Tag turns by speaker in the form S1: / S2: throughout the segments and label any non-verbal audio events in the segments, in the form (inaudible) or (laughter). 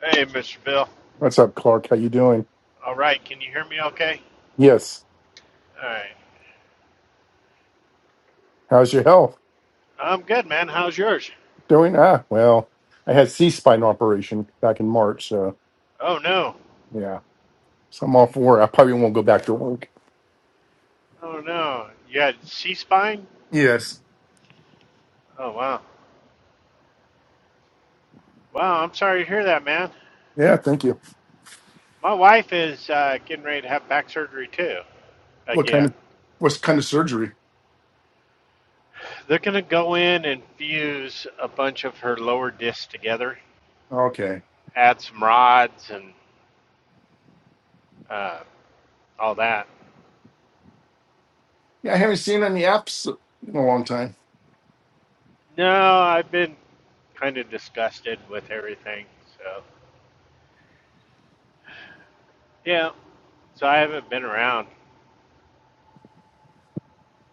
S1: Hey, Mr. Bill.
S2: What's up, Clark? How you doing?
S1: All right, can you hear me okay?
S2: Yes.
S1: All right.
S2: How's your health?
S1: I'm good, man. How's yours?
S2: Doing? Ah, well, I had C-spine operation back in March, so
S1: Oh, no.
S2: yeah. So I'm off work. I probably won't go back to work.
S1: Oh, no. You had C spine?
S2: Yes.
S1: Oh, wow. Wow, I'm sorry to hear that, man.
S2: Yeah. Thank you.
S1: My wife is uh, getting ready to have back surgery, too.
S2: What kind
S1: Again,
S2: of what's kind of surgery?
S1: they're going to go in and fuse a bunch of her lower discs together,
S2: Okay.
S1: add some rods and uh, all that.
S2: Yeah, I haven't seen on the apps in a long time.
S1: No, I've been kind of disgusted with everything. So, yeah, so I haven't been around.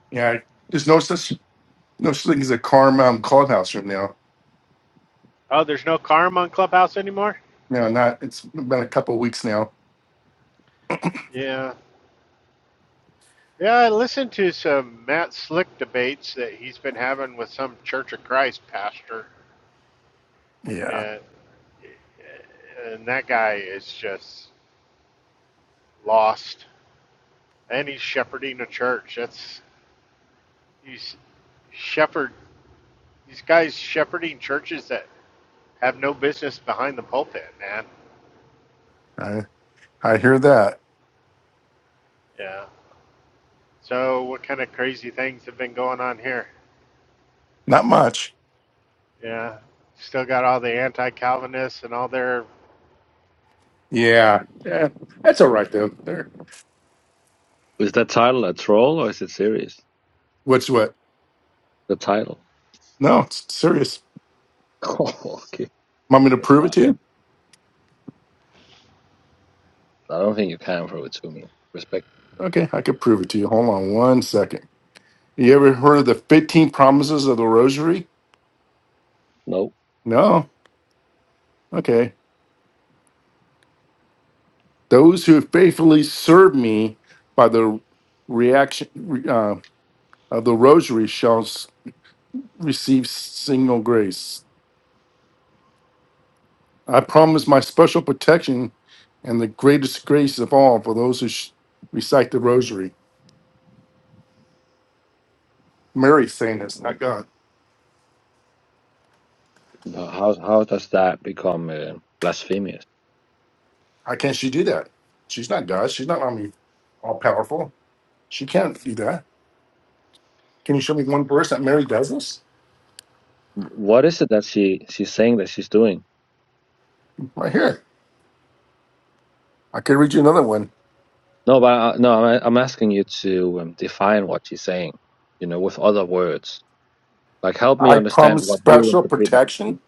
S2: Yeah. I- There's no such no such thing as a Carm um, clubhouse room now.
S1: Oh, there's no Carm on Clubhouse anymore?
S2: No, not. It's been a couple of weeks now.
S1: Yeah. Yeah, I listened to some Matt Slick debates that he's been having with some Church of Christ pastor,
S2: Yeah.
S1: and, and that guy is just lost. And he's shepherding a church. That's he's shepherd. These guys shepherding churches that have no business behind the pulpit, man.
S2: I I hear that.
S1: Yeah. So what kind of crazy things have been going on here?
S2: Not much.
S1: Yeah. Still got all the anti-Calvinists and all their.
S2: Yeah. Yeah. That's all right though. There.
S3: Is that title a troll or is it serious?
S2: What's what?
S3: The title.
S2: No, it's serious.
S3: (laughs) Oh, okay.
S2: Want me to
S3: That's
S2: prove it
S3: why.
S2: to you?
S3: I don't think you can throw it to me. Respect.
S2: Okay, I could prove it to you. Hold on one second. You ever heard of the 15 promises of the rosary?
S3: No.
S2: No. Okay. Those who faithfully serve me by the reaction uh, of the rosary shall s- receive signal grace. I promise my special protection and the greatest grace of all for those who sh- recite the rosary. Mary's saying this, not God.
S3: No, How how does that become uh, blasphemous?
S2: How can she do that? She's not God. She's not, I mean, all powerful. She can't do that. Can you show me
S1: It's,
S2: one verse that Mary does this?
S3: What is it that she she's saying that she's doing?
S2: Right here. I can read you another one.
S3: No, but I, no, I'm, I'm asking you to um, define what she's saying. You know, with other words. Like, help me
S2: I
S3: understand
S2: promise
S3: what you
S2: special
S3: interpret that to be.
S2: protection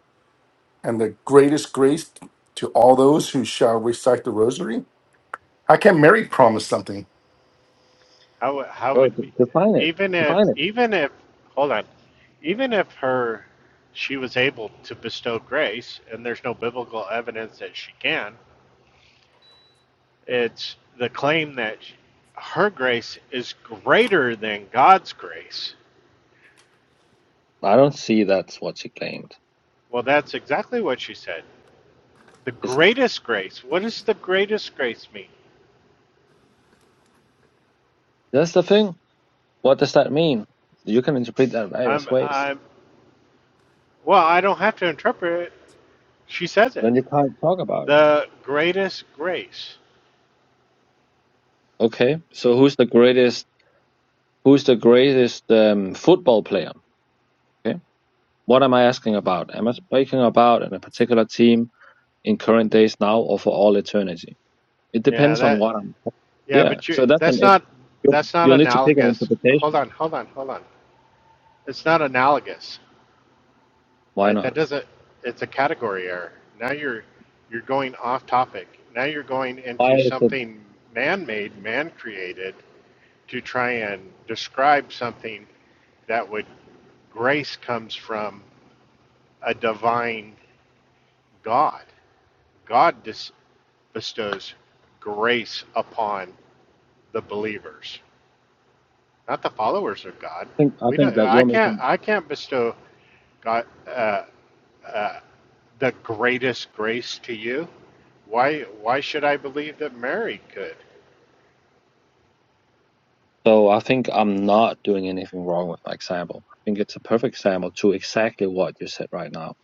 S2: and the greatest grace to all those who shall recite the rosary. How can
S1: hmm.
S2: Mary promise something?
S1: How would- how
S3: Bro,
S1: would
S3: de- define it.
S1: even if
S3: Define it.
S1: even if hold on, even if her she was able to bestow grace, and there's no biblical evidence that she can. It's the claim that sh- her grace is greater than God's grace.
S3: I don't see that's what she claimed.
S1: Well, that's exactly what she said. The
S3: It's,
S1: greatest grace. What does the greatest grace mean?
S3: that's the thing. What does that mean? You can interpret that
S1: I'm
S3: various ways
S1: I'm well, I don't have to interpret it. She says it.
S3: Then you can't talk about it.
S1: The greatest grace.
S3: Okay. So who's the greatest? Who's the greatest um, football player? Okay. What am I asking about? Am I speaking about in a particular team in current days now or for all eternity? It
S1: Yeah,
S3: depends on
S1: that
S3: what I'm.
S1: Yeah,
S3: Yeah.
S1: but you
S3: So that's an.
S1: that's
S3: It,
S1: not
S3: you'll,
S1: that's not
S3: you'll need to pick an
S1: analogous. Hold
S3: interpretation.
S1: on, hold on, hold on. It's not analogous,
S3: Why
S1: right?
S3: not?
S1: That doesn't it's a category error. Now you're you're going off topic. Now you're going
S3: Why
S1: into
S3: is it?
S1: something man-made, man-created to try and describe something that would grace comes from a divine God. God dis- bestows grace upon the believers. not the followers of God.
S3: I think I
S1: We
S3: think
S1: don't.
S3: that
S1: I
S3: you're
S1: can't.
S3: making.
S1: I can't bestow God uh, uh, the greatest grace to you. Why? Why should I believe that Mary could?
S3: So I think I'm not doing anything wrong with my example. I think it's a perfect example to exactly what you said right now.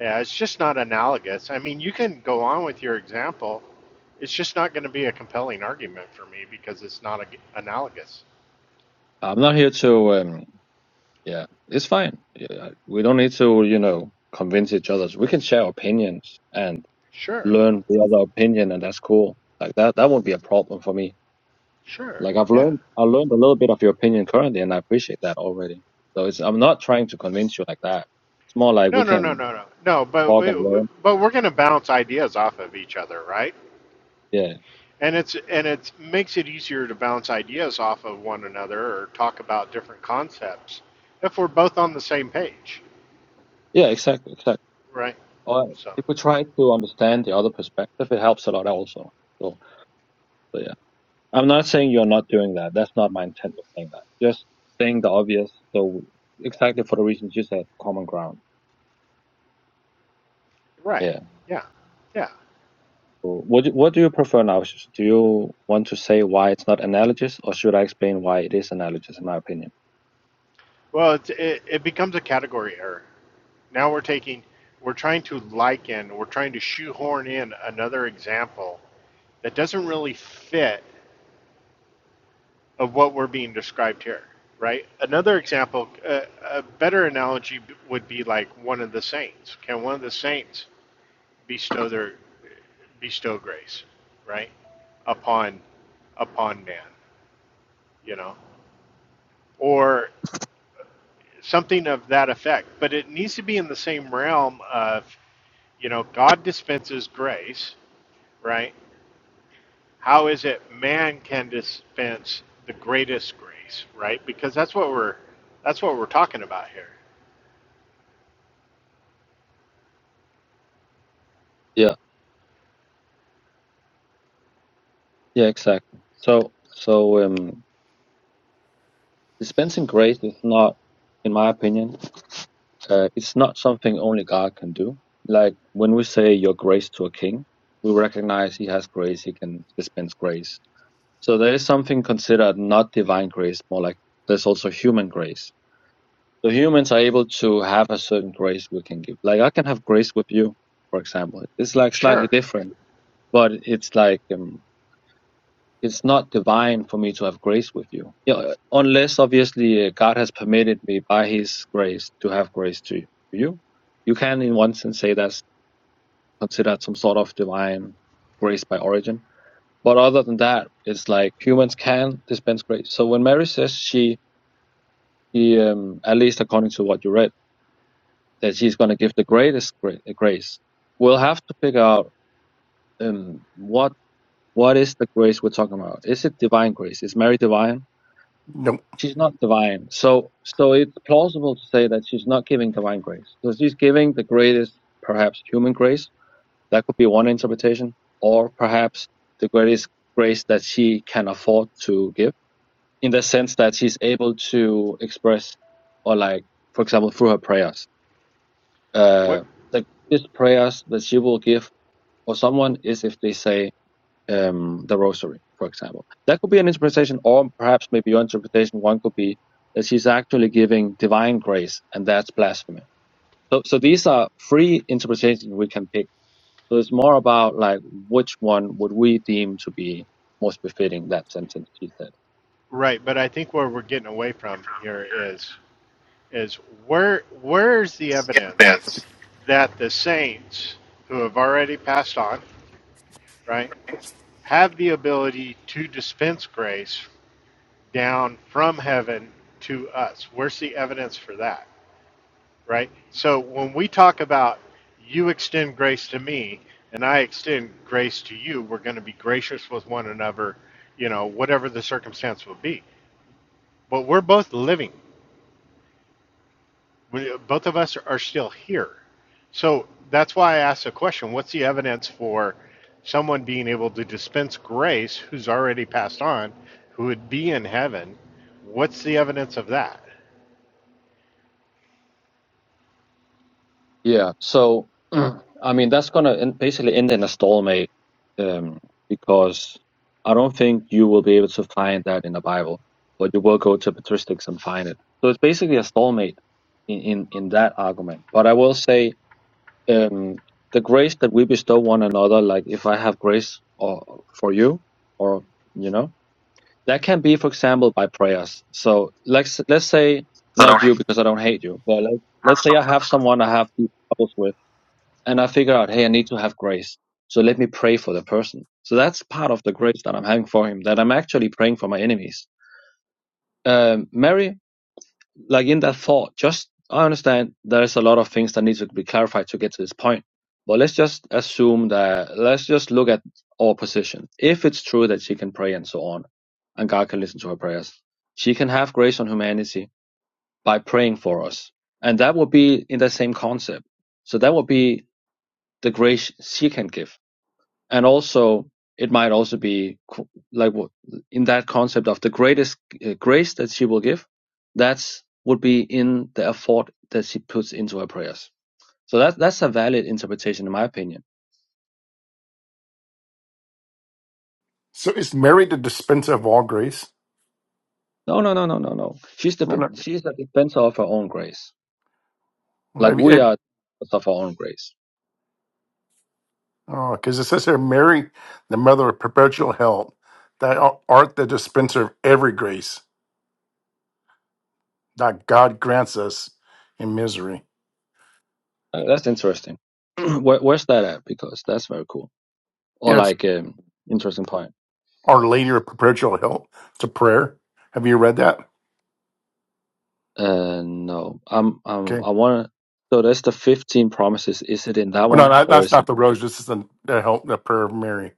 S1: Yeah, it's just not analogous. I mean, you can go on with your example. It's just not going to be a compelling argument for me because it's not a, analogous.
S3: I'm not here to. Um, Yeah, it's fine. Yeah, we don't need to, you know, convince each other. We can share opinions and
S1: Sure.
S3: learn the other opinion, and that's cool. Like that, that won't be a problem for me.
S1: Sure.
S3: Like I've
S1: Yeah.
S3: learned, I learned a little bit of your opinion currently, and I appreciate that already. So it's, I'm not trying to convince you like that. It's more like
S1: No.
S3: we
S1: No. No.
S3: can
S1: No. No. No. But
S3: talk
S1: we,
S3: and learn.
S1: but we're going to bounce ideas off of each other, right?
S3: Yeah,
S1: And it's and it makes it easier to bounce ideas off of one another or talk about different concepts if we're both on the same page,
S3: yeah, exactly, exactly.
S1: right?
S3: Or
S1: So,
S3: if we try to understand the other perspective, it helps a lot also. So, so yeah. I'm not saying you're not doing that. That's not my intent of saying that. Just saying the obvious. So exactly for the reasons you said, common ground.
S1: right,
S3: Yeah.
S1: yeah, yeah.
S3: So What do- What do you prefer now? Sh- Do you want to say why it's not analogous, or should I explain why it is analogous? In my opinion.
S1: Well, it it, it becomes a category error. Now we're taking, we're trying to liken, we're trying to shoehorn in another example that doesn't really fit of what we're being described here, right? Another example, a, a better analogy would be like one of the saints. Can one of the saints bestow their bestow grace, right? Upon upon man, you know, or something of that effect. But it needs to be in the same realm of, you know, God dispenses grace, right? How is it man can dispense the greatest grace, right? Because that's what we're that's what we're talking about here.
S3: Yeah. Yeah. Exactly. So so um, dispensing grace is not, in my opinion, uh, it's not something only God can do. Like when we say your grace to a king, we recognize he has grace. He can dispense grace So there is something considered not divine grace, more like there's also human grace. So humans are able to have a certain grace we can give. Like I can have grace with you, for example. It's like slightly
S1: Sure.
S3: different, but it's like um, it's not divine for me to have grace with you, you know, unless obviously uh, God has permitted me by His grace to have grace to you. You can, in one sense, say that's considered some sort of divine grace by origin But other than that, it's like humans can dispense grace. So when Mary says she, she um, at least according to what you read, that she's going to give the greatest gra- uh, grace, we'll have to figure out um, what what is the grace we're talking about. Is it divine grace? Is Mary divine?
S2: No.
S3: She's not divine. So so it's plausible to say that she's not giving divine grace. So she's giving the greatest, perhaps human grace. That could be one interpretation, or perhaps the greatest grace that she can afford to give in the sense that she's able to express, or like, for example, through her prayers.
S1: What
S3: Uh, the biggest prayers that she will give or someone is if they say um, the rosary, for example. That could be an interpretation, or perhaps maybe your interpretation one could be that she's actually giving divine grace, and that's blasphemy. So, so these are three interpretations we can pick. So it's more about like which one would we deem to be most befitting that sentence she said.
S1: right, but I think where we're getting away from here is is where where's the evidence that the saints who have already passed on, right, have the ability to dispense grace down from heaven to us. Where's the evidence for that, right? So when we talk about you extend grace to me and I extend grace to you, we're going to be gracious with one another, you know, whatever the circumstance will be. But we're both living. we, both of us are still here. So that's why I asked the question what's the evidence for someone being able to dispense grace who's already passed on, who would be in heaven? What's the evidence of that?
S3: Yeah. So, (clears throat) I mean, that's gonna basically end in a stalemate, um, because I don't think you will be able to find that in the Bible, but you will go to patristics and find it. So it's basically a stalemate in in, in that argument. But I will say, um, the grace that we bestow one another, like if I have grace or for you, or you know, that can be, for example, by prayers. So let's let's say
S2: That I
S3: not you because I don't hate you, but let's
S2: have
S3: let's say
S2: someone.
S3: I have someone I have these troubles with and I figure out, hey, I need to have grace. So let me pray for the person. So that's part of the grace that I'm having for him, that I'm actually praying for my enemies. Um, Mary, like in that thought, just I understand there's a lot of things that need to be clarified to get to this point. But let's just assume that let's just look at our position. If it's true that she can pray and so on, and God can listen to her prayers, she can have grace on humanity by praying for us. And that would be in the same concept. So that would be the grace she can give and also it might also be like in that concept of the greatest uh, grace that she will give that's would be in the effort that she puts into her prayers so that that's a valid interpretation in my opinion
S2: So is Mary the dispenser of all grace?
S3: no no no no no no she's the
S2: No,
S3: she's the dispenser of her own grace like we are
S2: no.
S3: of our own grace
S2: Because it says here, Mary, the mother of perpetual help, that art the dispenser of every grace that God grants us in misery.
S3: Uh, that's interesting (clears throat) Where, where's that at because that's very cool or
S2: Yes.
S3: like um interesting point
S2: Our Lady of Perpetual Help. It's a prayer. Have you read that?
S3: Uh, no. I'm, I'm,
S2: Okay.
S3: I want to. So that's the 15 promises. Is it in that
S2: Well, no,
S3: one
S2: that-
S3: or
S2: that's
S3: is it?
S2: not the rose. This is the, the help, the prayer of Mary.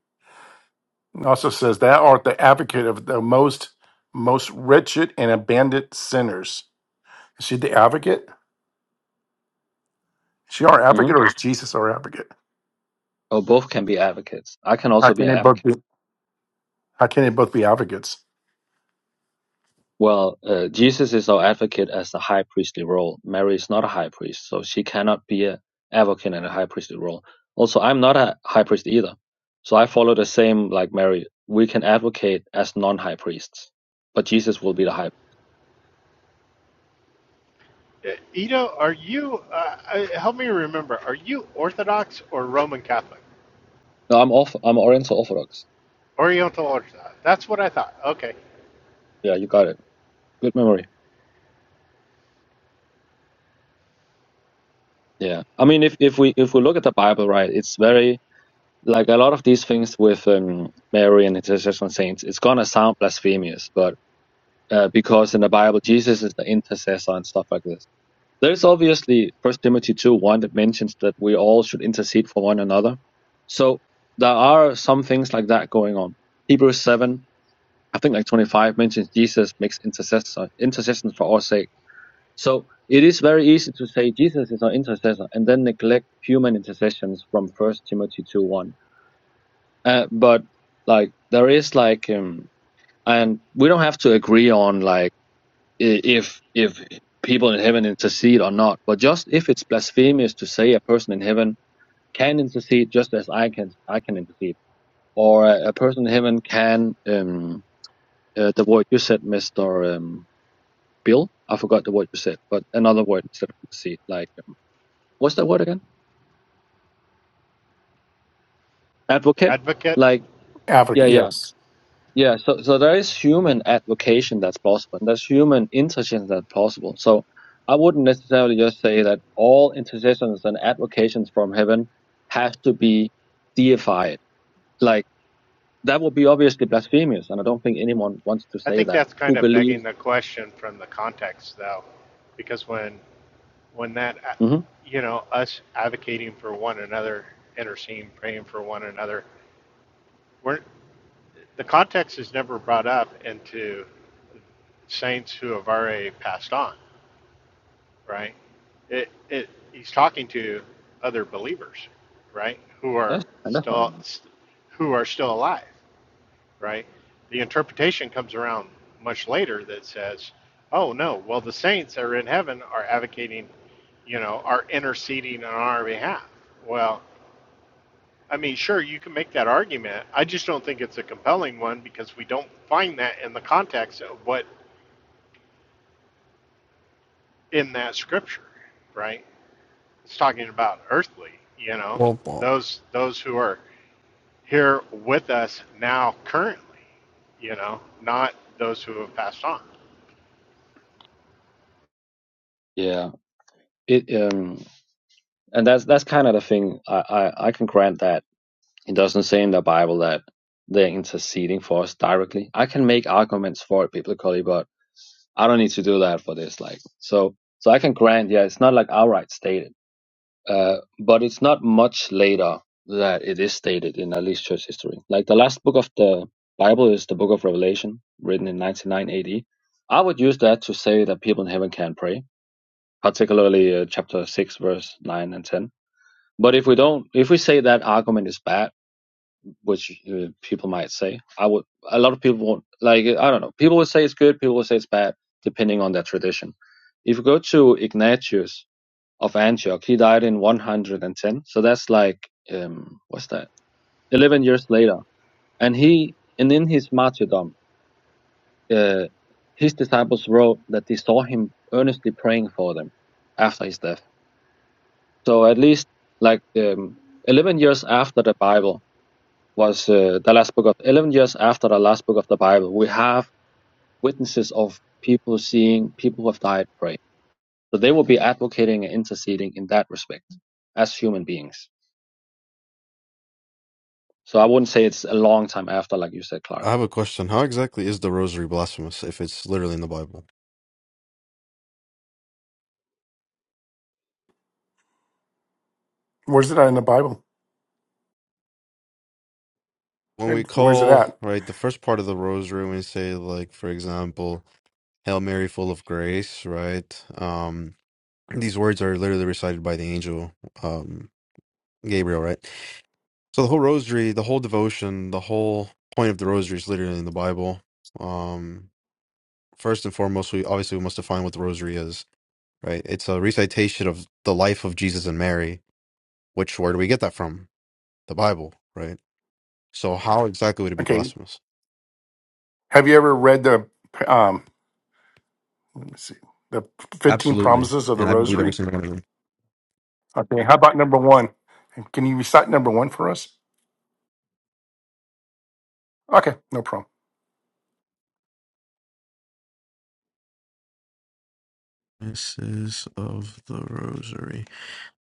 S2: It also says, Thou art the advocate of the most most wretched and abandoned sinners. Is she the advocate? Is she our
S3: hmm
S2: advocate or is Jesus our advocate?
S3: Oh, both can be advocates. I can
S2: How
S3: also be
S2: can
S3: an
S2: they both
S3: advocate.
S2: be how can they both be advocates?
S3: Well, uh, Jesus is our advocate as the high priestly role. Mary is not a high priest, so she cannot be an advocate in a high priestly role. Also, I'm not a high priest either. So I follow the same like Mary. We can advocate as non-high priests, but Jesus will be the high.
S1: Uh, Ito, are you, uh, uh, help me remember, are you Orthodox or Roman Catholic?
S3: No, I'm off. I'm Oriental Orthodox.
S1: Oriental Orthodox. That's what I thought. Okay.
S3: Yeah, you got it. Good memory. Yeah, I mean, if if we if we look at the Bible, right, it's very like a lot of these things with um, Mary and intercession saints. It's gonna sound blasphemous, but uh, because in the Bible, Jesus is the intercessor and stuff like this. There's obviously First Timothy two one that mentions that we all should intercede for one another. So there are some things like that going on. Hebrews seven, I think like twenty five mentions Jesus makes intercessor intercession for our sake so it is very easy to say Jesus is our intercessor and then neglect human intercessions from First Timothy two one. Uh, but like there is like, um, and we don't have to agree on like if if people in heaven intercede or not. But just if it's blasphemous to say a person in heaven can intercede just as I can I can intercede, or a, a person in heaven can um uh, the word you said, Mister um, Bill. I forgot the word you said, but another word instead of intercede, like. what's that word again? Advocate.
S1: Advocate.
S3: Like, yeah,
S2: Advocate,
S3: yeah,
S2: yes.
S3: yeah. So, so there is human advocation that's possible, and there's human intercession that's possible. So, I wouldn't necessarily just say that all intercessions and advocations from heaven have to be deified. Like, that would be obviously blasphemous, and I don't think anyone wants to
S1: I
S3: say
S1: think
S3: that.
S1: that's kind
S3: Who
S1: of begging
S3: believes?
S1: the question from the context, though, because when when that, uh,
S3: hmm
S1: you know, us advocating for one another, interceding, praying for one another, we're, the context is never brought up into saints who have already passed on, right? It, it, he's talking to other believers, right, who are
S3: That's and that's
S1: still,
S3: fine.
S1: who are still alive. right? The interpretation comes around much later that says, oh no, well, the saints are in heaven are advocating, you know, are interceding on our behalf. Well, I mean, sure, you can make that argument. I just don't think it's a compelling one because we don't find that in the context of what in that scripture, right? It's talking about earthly, you know,
S4: Well, well,
S1: those those who are here with us now currently, you know, not those who have passed on.
S3: Yeah. It um, and that's that's kind of the thing. I I, I can grant that It doesn't say in the Bible that they're interceding for us directly. I can make arguments for it biblically, but I don't need to do that for this. Like, so, so I can grant, yeah, it's not like outright stated, uh, but it's not much later that it is stated in at least church history. Like the last book of the Bible is the book of Revelation, written in 99 AD. I would use that to say that people in heaven can pray, particularly uh, chapter 6, verse 9 and 10. But if we don't, if we say that argument is bad, which uh, people might say. I would. A lot of people won't like. I don't know. People would say it's good. People would say it's bad, depending on their tradition. If you go to Ignatius of Antioch, he died in 110. So that's like um, what's that? 11 years later, and he and in his martyrdom, uh, his disciples wrote that they saw him earnestly praying for them after his death. So at least like um, 11 years after the Bible was uh, the last book of eleven years after the last book of the Bible. We have witnesses of people seeing people who have died pray. So they will be advocating and interceding in that respect as human beings. So I wouldn't say it's a long time after, like you said, Clark.
S4: I have a question. How exactly is the rosary blasphemous if it's literally in the Bible?
S2: Where's it at in the Bible?
S4: When we
S2: And Where's it
S4: call,
S2: at?
S4: right, the first part of the rosary, when we say, like, for example, Hail Mary, full of grace, right? Um, these words are literally recited by the angel um, Gabriel, right? So the whole rosary, the whole devotion, the whole point of the rosary is literally in the Bible. Um, first and foremost, we obviously we must define what the rosary is, right? It's a recitation of the life of Jesus and Mary. Which where do we get that from? the Bible, right? So how exactly would it be
S2: Okay.
S4: blasphemous?
S2: Have you ever read the um let me see the fifteen
S4: Absolutely.
S2: promises of the
S4: And I believe
S2: rosary?
S4: every single one of them.
S2: Okay, how about number one? And Can you recite number one for us? Okay, no problem.
S4: Misses of the Rosary.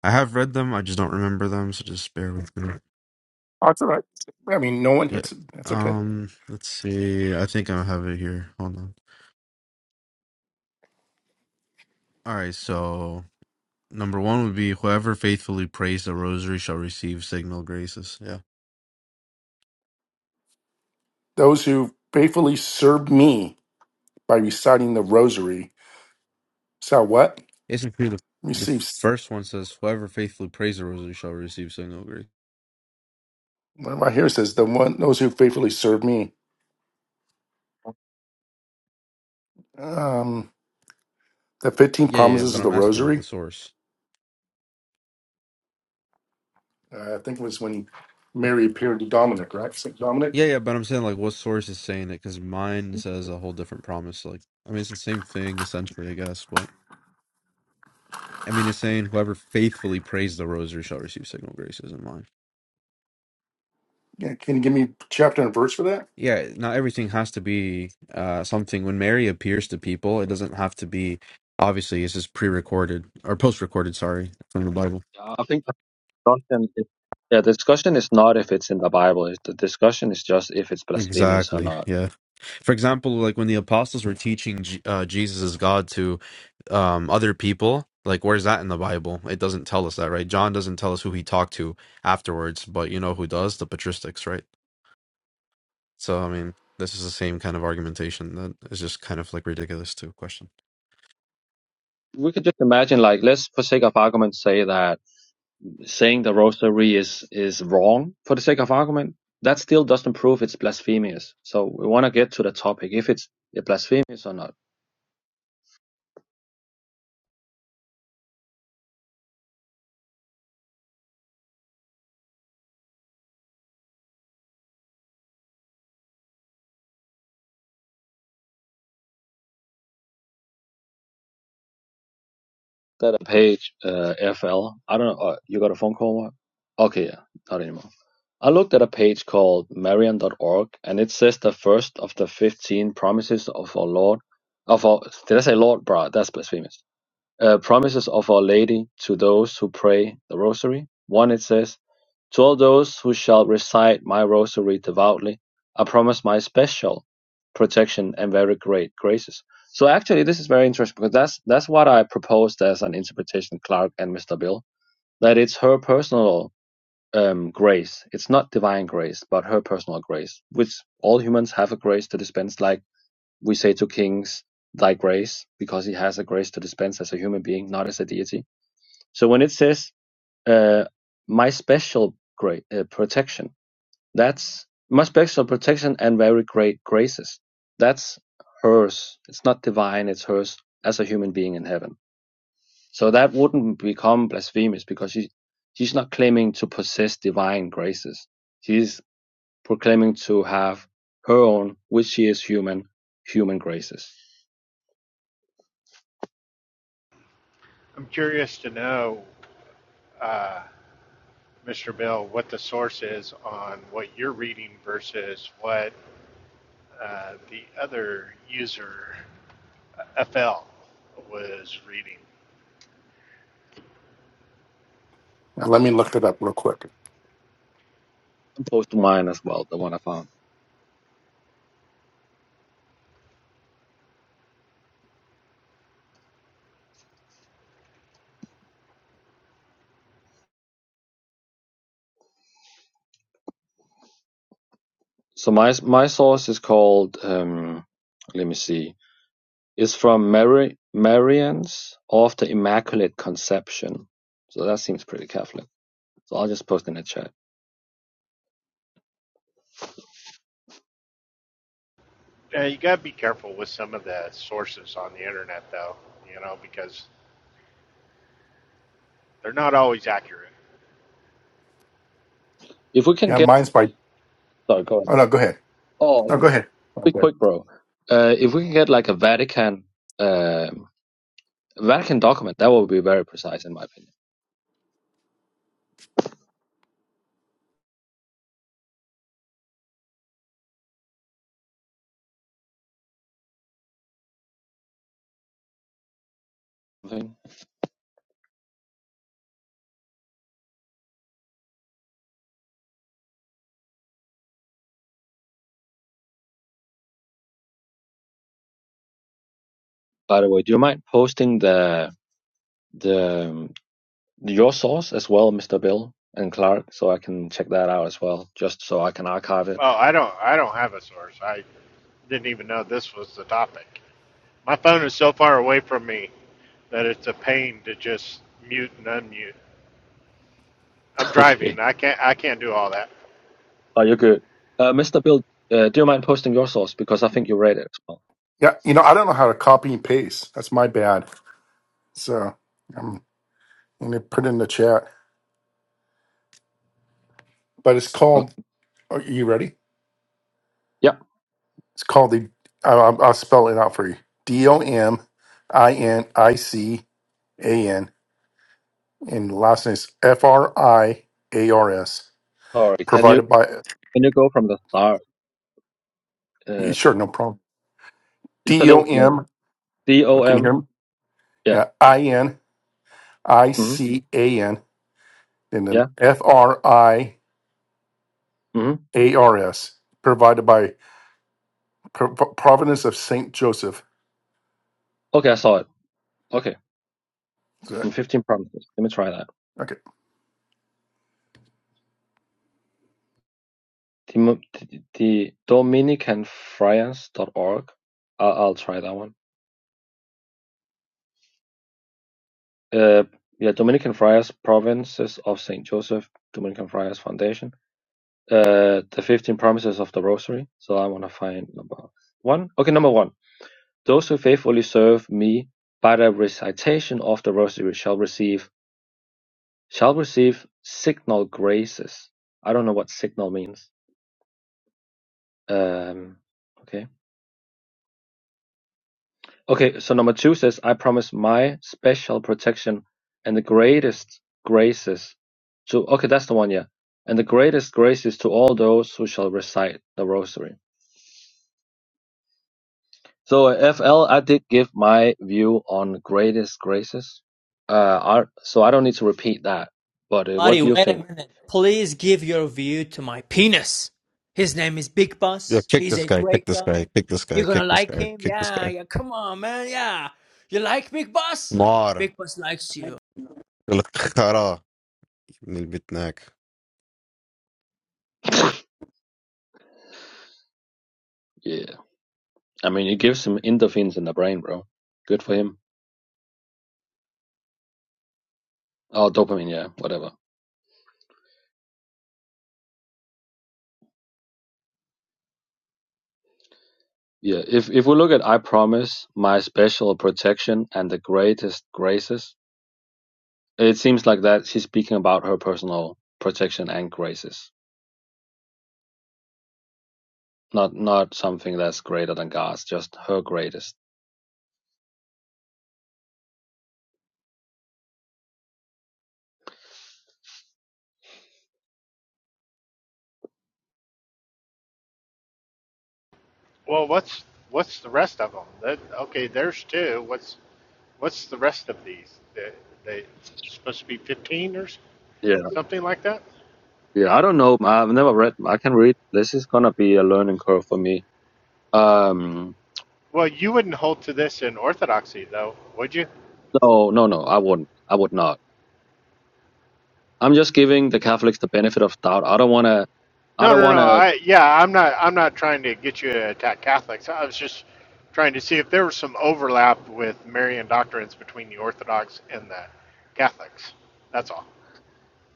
S4: I have read them, I just don't remember them, so just bear with me.
S2: Oh, it's all right. I mean, no one,
S4: Yeah.
S2: it's, that's okay.
S4: Um, let's see. I think I have it here. Hold on. All right, so number one would be whoever faithfully prays the rosary shall receive signal graces. Yeah.
S2: Those who faithfully serve me by reciting the rosary shall what?
S4: Isn't true the the
S2: Receive,
S4: first one says whoever faithfully prays the rosary shall receive signal grace.
S2: well, right here it says, the one, those who faithfully serve me. Um, the 15
S4: Yeah, yeah,
S2: promises
S4: but
S2: of
S4: I'm
S2: the
S4: asking like the
S2: rosary.
S4: source.
S2: Uh, I think it was when Mary appeared to Dominic, right? St. Dominic.
S4: Yeah, yeah, but I'm saying like what source is saying it because mine says a whole different promise. Like, I mean, it's the same thing essentially, I guess. But I mean, it's saying whoever faithfully prays the rosary shall receive signal graces in mine.
S2: Yeah, can you give me chapter and verse for that?
S4: Yeah, not everything has to be uh, something. When Mary appears to people, it doesn't have to be. Obviously, this is pre-recorded or post-recorded. Sorry, from the Bible.
S3: I think the discussion is, yeah, the discussion is not if it's in the Bible. It's, the discussion is just if it's blasphemous or
S4: Exactly.
S3: not.
S4: Yeah. For example, like when the apostles were teaching J- uh, Jesus as God to um, other people. Like, where's that in the Bible? It doesn't tell us that, right? John doesn't tell us who he talked to afterwards, but you know who does? The patristics, right? So, I mean, this is the same kind of argumentation that is just kind of like ridiculous to question.
S3: We could just imagine, like, let's, for sake of argument, say that saying the rosary is is wrong for the sake of argument, that still doesn't prove it's blasphemous. So we want to get to the topic if it's blasphemous or not. That page uh, FL. I don't know. Uh, you got a phone call? Mark? Okay, yeah, not anymore. I looked at a page called Marian.org, and it says the first of the fifteen promises of our Lord. Of our did I say Lord, bruh? That's blasphemous. Uh, promises of Our Lady to those who pray the Rosary. One it says To all those who shall recite my rosary devoutly, I promise my special protection and very great graces. So actually, this is very interesting because that's that's what I proposed as an interpretation, Clark and Mr. Bill, that it's her personal um, grace. It's not divine grace, but her personal grace, which all humans have a grace to dispense. Like we say to kings, thy grace, because he has a grace to dispense as a human being, not as a deity. So when it says, uh, my special grace, uh, protection that's my special protection and very great graces. That's hers. It's not divine, it's hers as a human being in heaven. So that wouldn't become blasphemous because she, she's not claiming to possess divine graces. She's proclaiming to have her own, which she is human, human graces.
S1: I'm curious to know, uh, Mr. Bill, what the source is on what you're reading versus what uh, the other user, uh, FL, was reading.
S2: Now, let me look it up real quick.
S3: And Post mine as well, the one I found. So my my source is called um, let me see is from Mary Marians of the Immaculate Conception. So that seems pretty Catholic. So I'll just post in the chat.
S1: Uh, you got to be careful with some of the sources on the internet, though, you know, because they're not always accurate.
S3: If we can
S2: Yeah,
S3: get,
S2: mine's by,
S3: sorry, go
S2: oh
S3: ahead.
S2: no, go ahead.
S3: Oh,
S2: No,
S3: okay.
S2: go ahead.
S3: be
S2: Okay.
S3: quick, bro. Uh, if we can get like a Vatican, uh, Vatican document, that would be very precise in my opinion. Something. By the way, do you mind posting the the um, your source as well, Mr. Bill and Clark, so I can check that out as well, just so I can archive it. (laughs)
S1: Oh, I don't, I don't have a source. I didn't even know this was the topic. My phone is so far away from me that it's a pain to just mute and unmute. I'm
S3: Okay.
S1: driving. I can't, I can't do all that.
S3: Oh, you're good. Uh, Mr. Bill, uh, do you mind posting your source because I think you read it as well.
S2: Yeah, you know, I don't know how to copy and paste. That's my bad. So I'm going to put it in the chat. But it's
S3: Okay.
S2: called, are you ready?
S3: Yeah.
S2: It's called the, I- I'll, I'll spell it out for you D O M I N I C A N. And the last name is F R I A R S.
S3: Sorry, can you
S2: Provided by,
S3: can you go from the start? Uh,
S2: sure, no problem.
S3: just a
S2: D O
S3: little slow.
S2: M,
S3: D
S2: oh,
S3: O
S2: can you hear
S3: M.
S2: me?
S3: Yeah.
S2: Yeah, I N I
S3: hmm
S2: C A N. And then
S3: Yeah.
S2: F R I
S3: hmm
S2: A R S. Provided by Pro- Providence of St. Joseph
S3: Okay, I saw it. Okay,
S2: Good.
S3: from 15 promises. Let me try that.
S2: Okay.
S3: The, the Dominicanfriars.org. I'll, I'll try that one. uh, yeah, Dominican Friars Provinces of Saint Joseph Dominican Friars Foundation. Uh, the 15 Promises of the Rosary. So I want to find number one. Okay, number one. Those who faithfully serve me by the recitation of the Rosary shall receive shall receive signal graces. I don't know what signal means. Um, okay. Okay, so number two says, I promise my special protection and the greatest graces to, okay, that's the one, yeah. And the greatest graces to all those who shall recite the rosary. So, uh, FL, I did give my view on greatest graces. Uh, I, so I don't need to repeat that. But uh, what
S5: Buddy,
S3: do you
S5: wait a
S3: think?
S5: minute. Please give your view to my penis. His name is Big
S4: Yeah,
S5: Boss.
S4: kick
S5: He's
S4: this
S5: a
S4: guy, kick
S5: great
S4: this guy,
S5: guy.
S4: kick this guy,
S5: You're gonna
S4: kick this
S5: like
S4: guy,
S5: him.
S4: kick this
S5: Yeah,
S4: guy.
S5: yeah. Come on, man. Yeah. You like Big Boss?
S4: نار
S5: Big Boss likes you.
S4: للخرا من البتناك
S3: (laughs) Yeah. I mean, it gives him endorphins in the brain, bro. Good for him. Oh, dopamine, yeah, whatever. Yeah, if if we look at I promise my special protection and the greatest graces, it seems like that she's speaking about her personal protection and graces, not not something that's greater than God's, just her greatest.
S1: Well, what's what's the rest of them? That, okay, there's two. What's what's the rest of these? They, they supposed to be 15 or s-
S3: Yeah,
S1: something like that.
S3: yeah. I don't know. I've never read. I can read. This is gonna be a learning curve for me. Um,
S1: Well, you wouldn't hold to this in Orthodoxy, though, would you?
S3: no, no, no. I wouldn't. I would not. I'm just giving the Catholics the benefit of doubt. I don't wanna. I
S1: No,
S3: don't
S1: no, no.
S3: wanna.
S1: I yeah, I'm not. I'm not trying to get you to attack Catholics. I was just trying to see if there was some overlap with Marian doctrines between the Orthodox and the Catholics. That's all.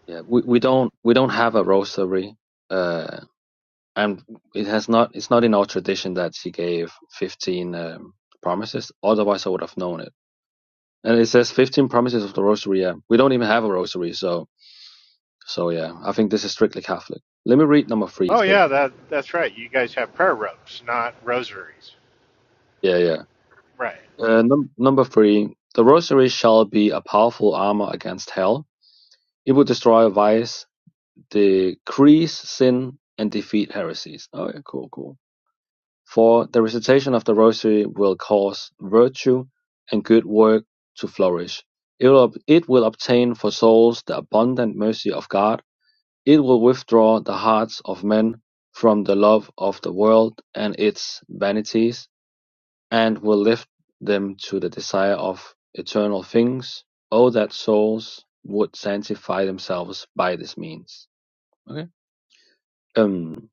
S3: Yeah, we, we don't we don't have a rosary uh, and it has not it's not in our tradition that she gave 15 um, promises otherwise i would have known it and it says 15 promises of the rosary yeah. we don't even have a rosary so so yeah i think this is strictly catholic let me read number three it
S1: Oh yeah,
S3: says
S1: that that's right. You guys have prayer ropes, not rosaries.
S3: yeah yeah
S1: Right.
S3: uh, num- number three the rosary shall be a powerful armor against hell it will destroy vice decrease sin and defeat heresies oh yeah cool cool For the recitation of the Rosary will cause virtue and good work to flourish. It will, it will obtain for souls the abundant mercy of God. It will withdraw the hearts of men from the love of the world and its vanities, and will lift them to the desire of eternal things. Oh, that souls would sanctify themselves by this means. Okay. Um,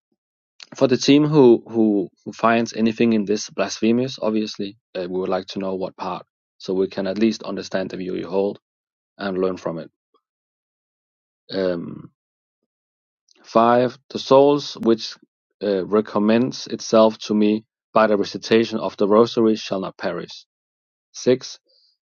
S3: for the team who who who finds anything in this blasphemous, obviously, uh, we would like to know what part, so we can at least understand the view you hold and learn from it. Um, five, the souls which uh, recommends itself to me by the recitation of the Rosary shall not perish. Six,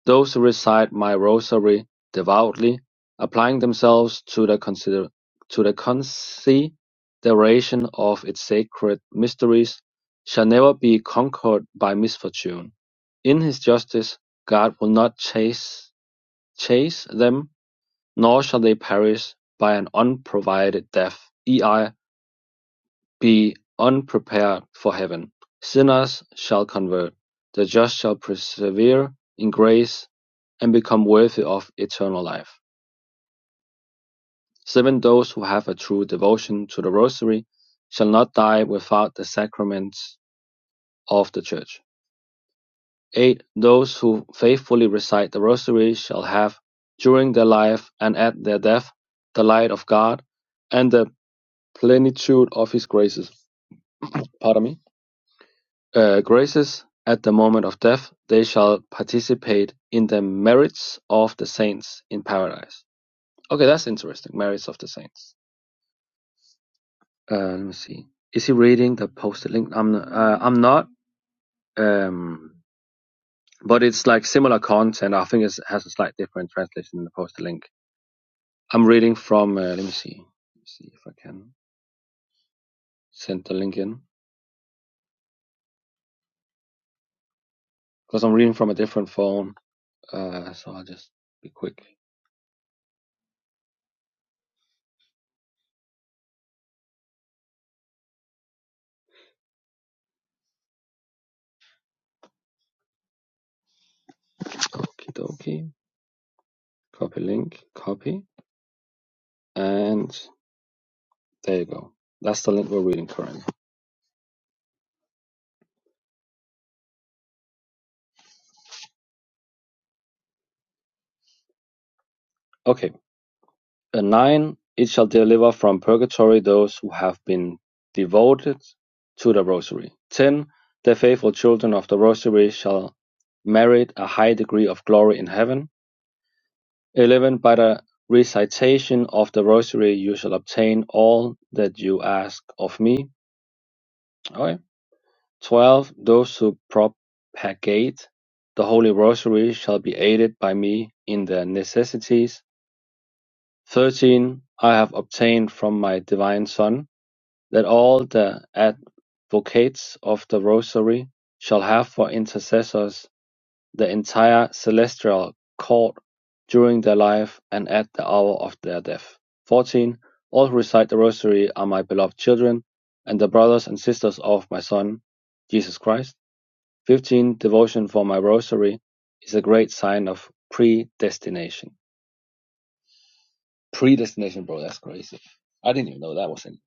S3: those who recite my rosary devoutly, applying themselves to the consider to the consideration of its sacred mysteries, shall never be conquered by misfortune. In his justice God will not chase chase them, nor shall they perish by an unprovided death, ei be unprepared for heaven. Sinners shall convert, the just shall persevere in grace and become worthy of eternal life. Seven those who have a true devotion to the rosary shall not die without the sacraments of the church. Eight, those who faithfully recite the rosary shall have during their life and at their death the light of God and the plenitude of his graces. Pardon me. Uh, graces at the moment of death, they shall participate in the merits of the saints in paradise. Okay, that's interesting. Merits of the saints. uh, let me see. Is he reading the posted link? I'm uh, I'm not. Um, but it's like similar content. I think it has a slight different translation in the posted link. I'm reading from. Uh, let me see. Let me see if I can send the link in because I'm reading from a different phone. Uh, so I'll just be quick. Okie dokie. Copy link. Copy. And there you go. That's the link we're reading currently. Okay. A nine it shall deliver from purgatory those who have been devoted to the Rosary. Ten the faithful children of the Rosary shall merit a high degree of glory in heaven. Eleven by the recitation of the Rosary you shall obtain all that you ask of me. Okay. Twelve those who propagate the Holy Rosary shall be aided by me in their necessities. Thirteen I have obtained from my divine Son that all the advocates of the Rosary shall have for intercessors the entire celestial court during their life and at the hour of their death. 14. All who recite the Rosary are my beloved children and the brothers and sisters of my Son, Jesus Christ. 15. Devotion for my Rosary is a great sign of predestination. Predestination, bro, that's crazy. I didn't even know that was in.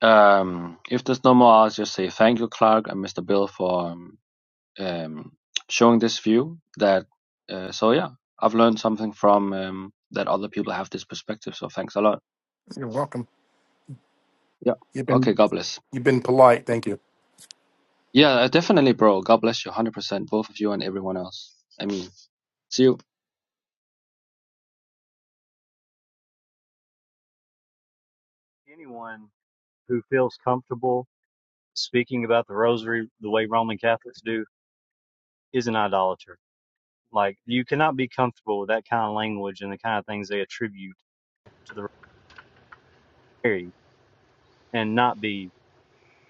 S3: Um, if there's no more, I'll just say thank you, Clark and Mr. Bill, for um, um, showing this view. That uh, so yeah, I've learned something from um, that other people have this perspective. So thanks a lot.
S2: You're welcome.
S3: Yeah.
S2: You've
S3: Okay.
S2: been
S3: God bless.
S2: you've been polite. Thank you.
S3: Yeah, uh, definitely, bro. God bless you, hundred percent, both of you and everyone else. I mean, see you.
S6: anyone who feels comfortable speaking about the rosary the way Roman Catholics do is an idolater. Like you cannot be comfortable with that kind of language and the kind of things they attribute to the Rosary and not be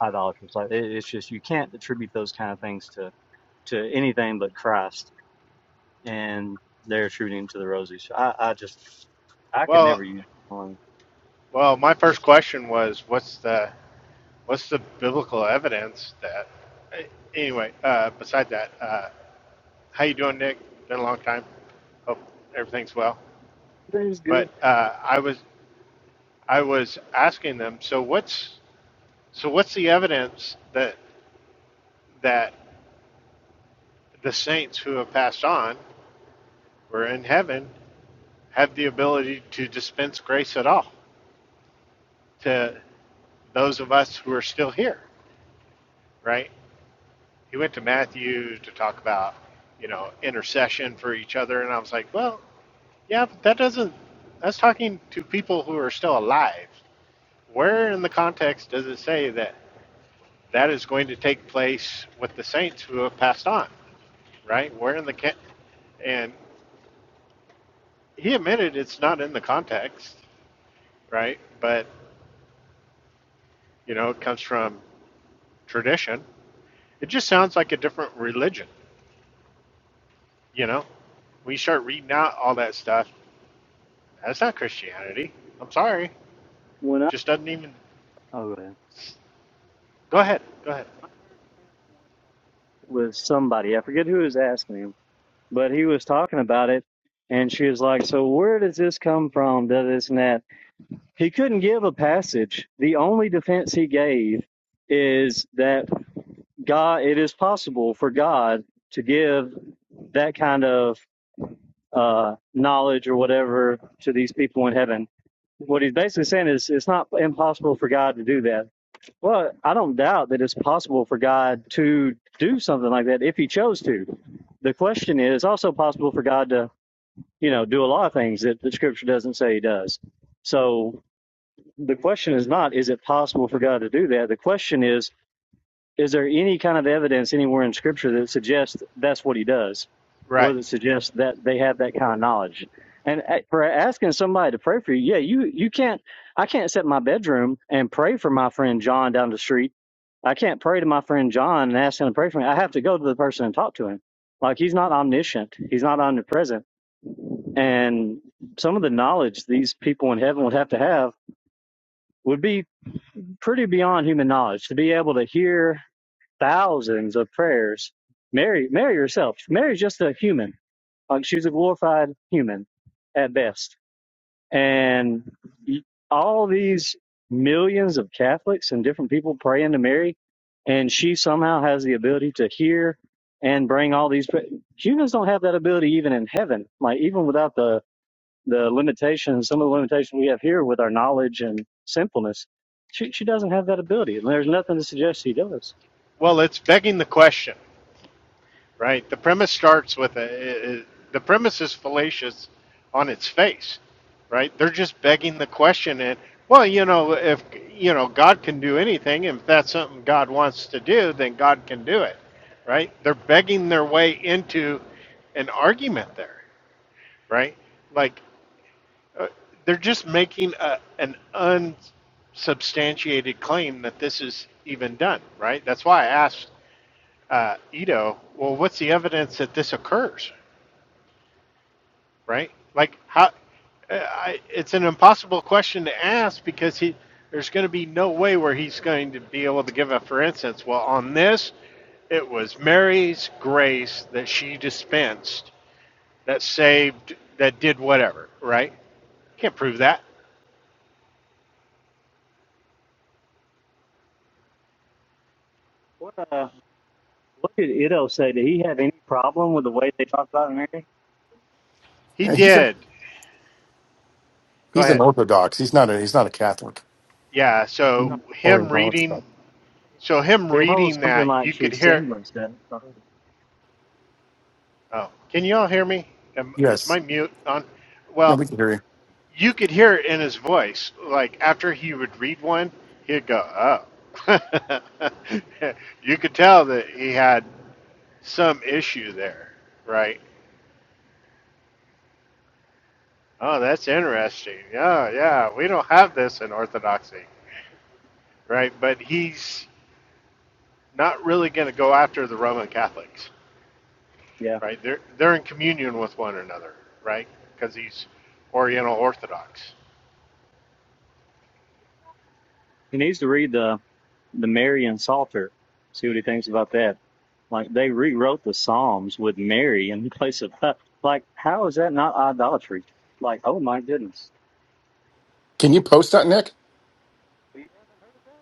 S6: idolaters. Like it, it's just you can't attribute those kind of things to to anything but Christ, and they're attributing to the Rosary. So I, I just I could
S1: Well,
S6: never use one.
S1: Well, my first question was, what's the what's the biblical evidence that? eh, Anyway, uh, beside that, uh, how you doing, Nick? Been a long time. Hope everything's well.
S6: Everything's
S1: But
S6: good
S1: uh, I was I was asking them. So what's so what's the evidence that that the saints who have passed on were in heaven have the ability to dispense grace at all to those of us who are still here, right? he went to Matthew to talk about, you know, intercession for each other, and I was like, well, yeah, but that doesn't. That's talking to people who are still alive. Where in the context does it say that that is going to take place with the saints who have passed on? Right? Where in the ca- and he admitted it's not in the context, right? But you know, it comes from tradition. It just sounds like a different religion. You know, when you start reading out all that stuff, that's not Christianity. I'm sorry.
S6: when I
S1: Just doesn't even.
S6: oh go
S1: Go ahead. Go ahead.
S6: I heard Trent Warren talk about it with somebody. I forget who was asking me. but he was talking about it and she was like so where does this come from does this and that he couldn't give a passage the only defense he gave is that god it is possible for god to give that kind of uh, knowledge or whatever to these people in heaven what he's basically saying is it's not impossible for god to do that well i don't doubt that it's possible for god to do something like that if he chose to the question is also possible for god to you know, do a lot of things that the scripture doesn't say he does. So the question is not, is it possible for God to do that? The question is, is there any kind of evidence anywhere in scripture that suggests that's what he does or
S1: Right.
S6: that suggests that they have that kind of knowledge? And uh, for asking somebody to pray for you, yeah, you, you can't, I can't sit in my bedroom and pray for my friend John down the street. I can't pray to my friend John and ask him to pray for me. I have to go to the person and talk to him. Like he's not omniscient. He's not omnipresent and some of the knowledge these people in heaven would have to have would be pretty beyond human knowledge to be able to hear thousands of prayers. Mary, Mary herself, Mary's just a human. Like she's a glorified human at best. And all these millions of Catholics and different people praying to Mary, and she somehow has the ability to hear and bring all these. Humans don't have that ability even in heaven, like even without the the limitations, some of the limitations we have here with our knowledge and sinfulness, she, she doesn't have that ability. And there's nothing to suggest she does.
S1: Well, it's begging the question, right? The premise starts with a. i- i- the premise is fallacious on its face, right? They're just begging the question, and well, you know, if you know God can do anything, and if that's something God wants to do, then God can do it, right? They're begging their way into an argument there, right? Like Uh, they're just making a, an unsubstantiated claim that this is even done, right? That's why I asked uh, Ito, well, what's the evidence that this occurs, right? Like, how? Uh, I, it's an impossible question to ask because he, there's going to be no way where he's going to be able to give a, for instance, well, on this, it was Mary's grace that she dispensed that saved, that did whatever, right? Can't prove that.
S6: What, uh, what did Ido say? Did he have any problem with the way they talk about Mary?
S1: He
S2: Yeah, He's a,
S1: did. Go
S2: he's an
S1: ahead.
S2: Orthodox. He's not a he's not a Catholic
S1: Yeah, so
S6: No.
S2: or an
S1: him reading,
S2: Orthodox.
S1: so him
S6: They hold
S1: reading
S6: something
S1: that,
S6: like
S1: you could
S6: she's
S1: hear.
S6: sinless. Then.
S1: Oh, can you all hear me? Am, is
S2: Yes.
S1: my mute on?
S2: No,
S1: Well,
S2: we can hear you.
S1: you could hear it in his voice. Like after he would read one, he'd go, "Oh." (laughs) you could tell that he had some issue there, right? Oh, that's interesting. Yeah, yeah, we don't have this in Orthodoxy, right? But he's not really going to go after the Roman Catholics.
S6: Yeah.
S1: right? They're they're in communion with one another, right? Because he's Oriental Orthodox.
S6: He needs to read the, the Marian Psalter, see what he thinks about that. Like they rewrote the Psalms with Mary in (laughs) place of, like, how is that not idolatry? Like, oh my goodness.
S2: Can you post that, Nick?
S6: You haven't heard of that?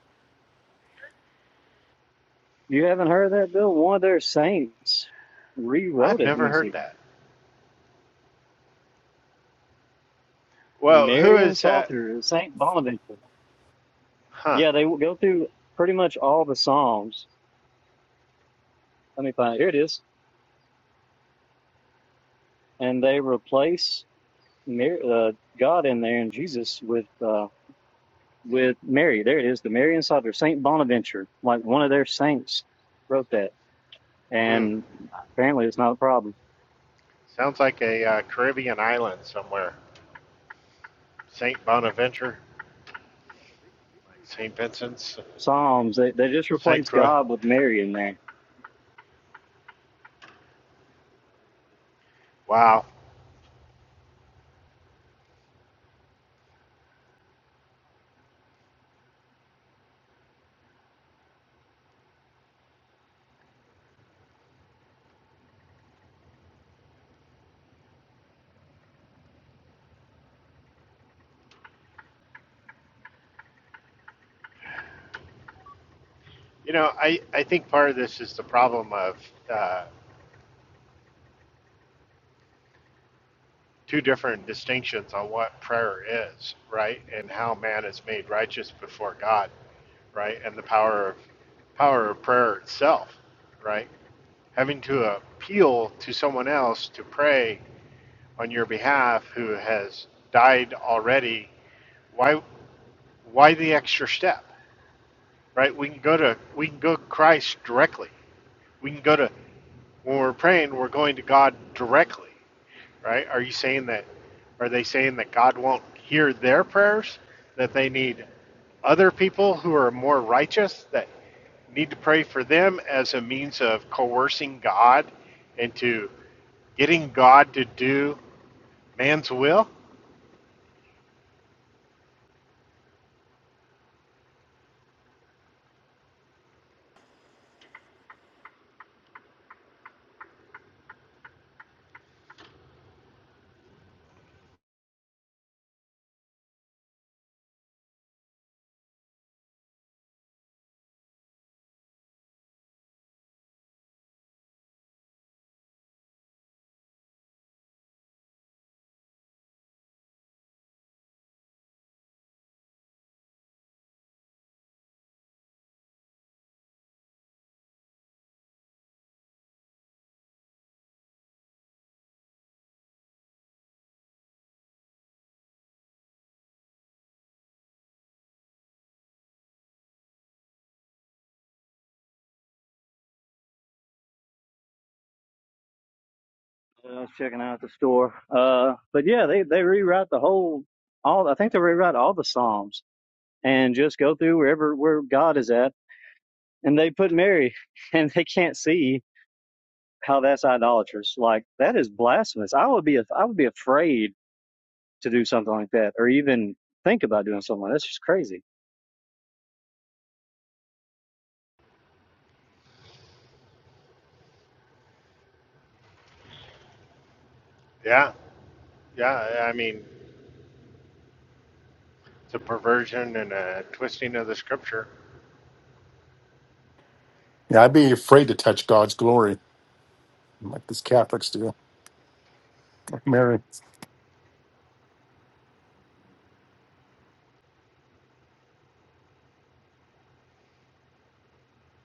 S6: You haven't heard that, Bill? One of their saints rewrote
S1: I've
S6: it. Let
S1: never
S6: me
S1: heard
S6: see.
S1: that.
S6: The
S1: Well, who
S6: Marian
S1: is that?
S6: Psalter, Saint Bonaventure.
S1: Huh?
S6: Yeah, they will go through pretty much all the Psalms. Let me find it. Here it is. And they replace Mar uh, God in there and Jesus with uh, with Mary. There it is. The Marian Psalter, Saint Bonaventure. Like one of their saints wrote that.
S1: Hmm.
S6: And apparently it's not a problem.
S1: Sounds like a uh, Caribbean island somewhere. Saint Bonaventure,
S6: Yeah, read, read
S1: like
S6: through there.
S1: Saint Vincent's,
S6: Psalms, they, they just
S1: Saint
S6: replace
S1: Croix.
S6: God with Mary in there.
S1: Wow. You know, I I think part of this is the problem of uh, two different distinctions on what prayer is, right, and how man is made righteous before God, right, and the power of power of prayer itself, right? having to appeal to someone else to pray on your behalf who has died already why why the extra step right we can go to we can go to christ directly we can go to when we're praying we're going to god directly right? Are you saying that? Are they saying that God won't hear their prayers? That they need other people who are more righteous that need to pray for them as a means of coercing God into getting God to do man's will?
S6: uh, I was checking out the store. Uh, but yeah, they, they rewrite the whole, all, I think they rewrite all the Psalms and just go through wherever, where God is at. And they put Mary (laughs) and they can't see how that's idolatrous. Like that is blasphemous. I would be, I would be afraid to do something like that or even think about doing something like that. That's just crazy.
S1: Yeah, yeah. I mean, it's a perversion and a twisting of the scripture.
S2: Yeah, I'd be afraid to touch God's glory like these Catholics do. Like Mary.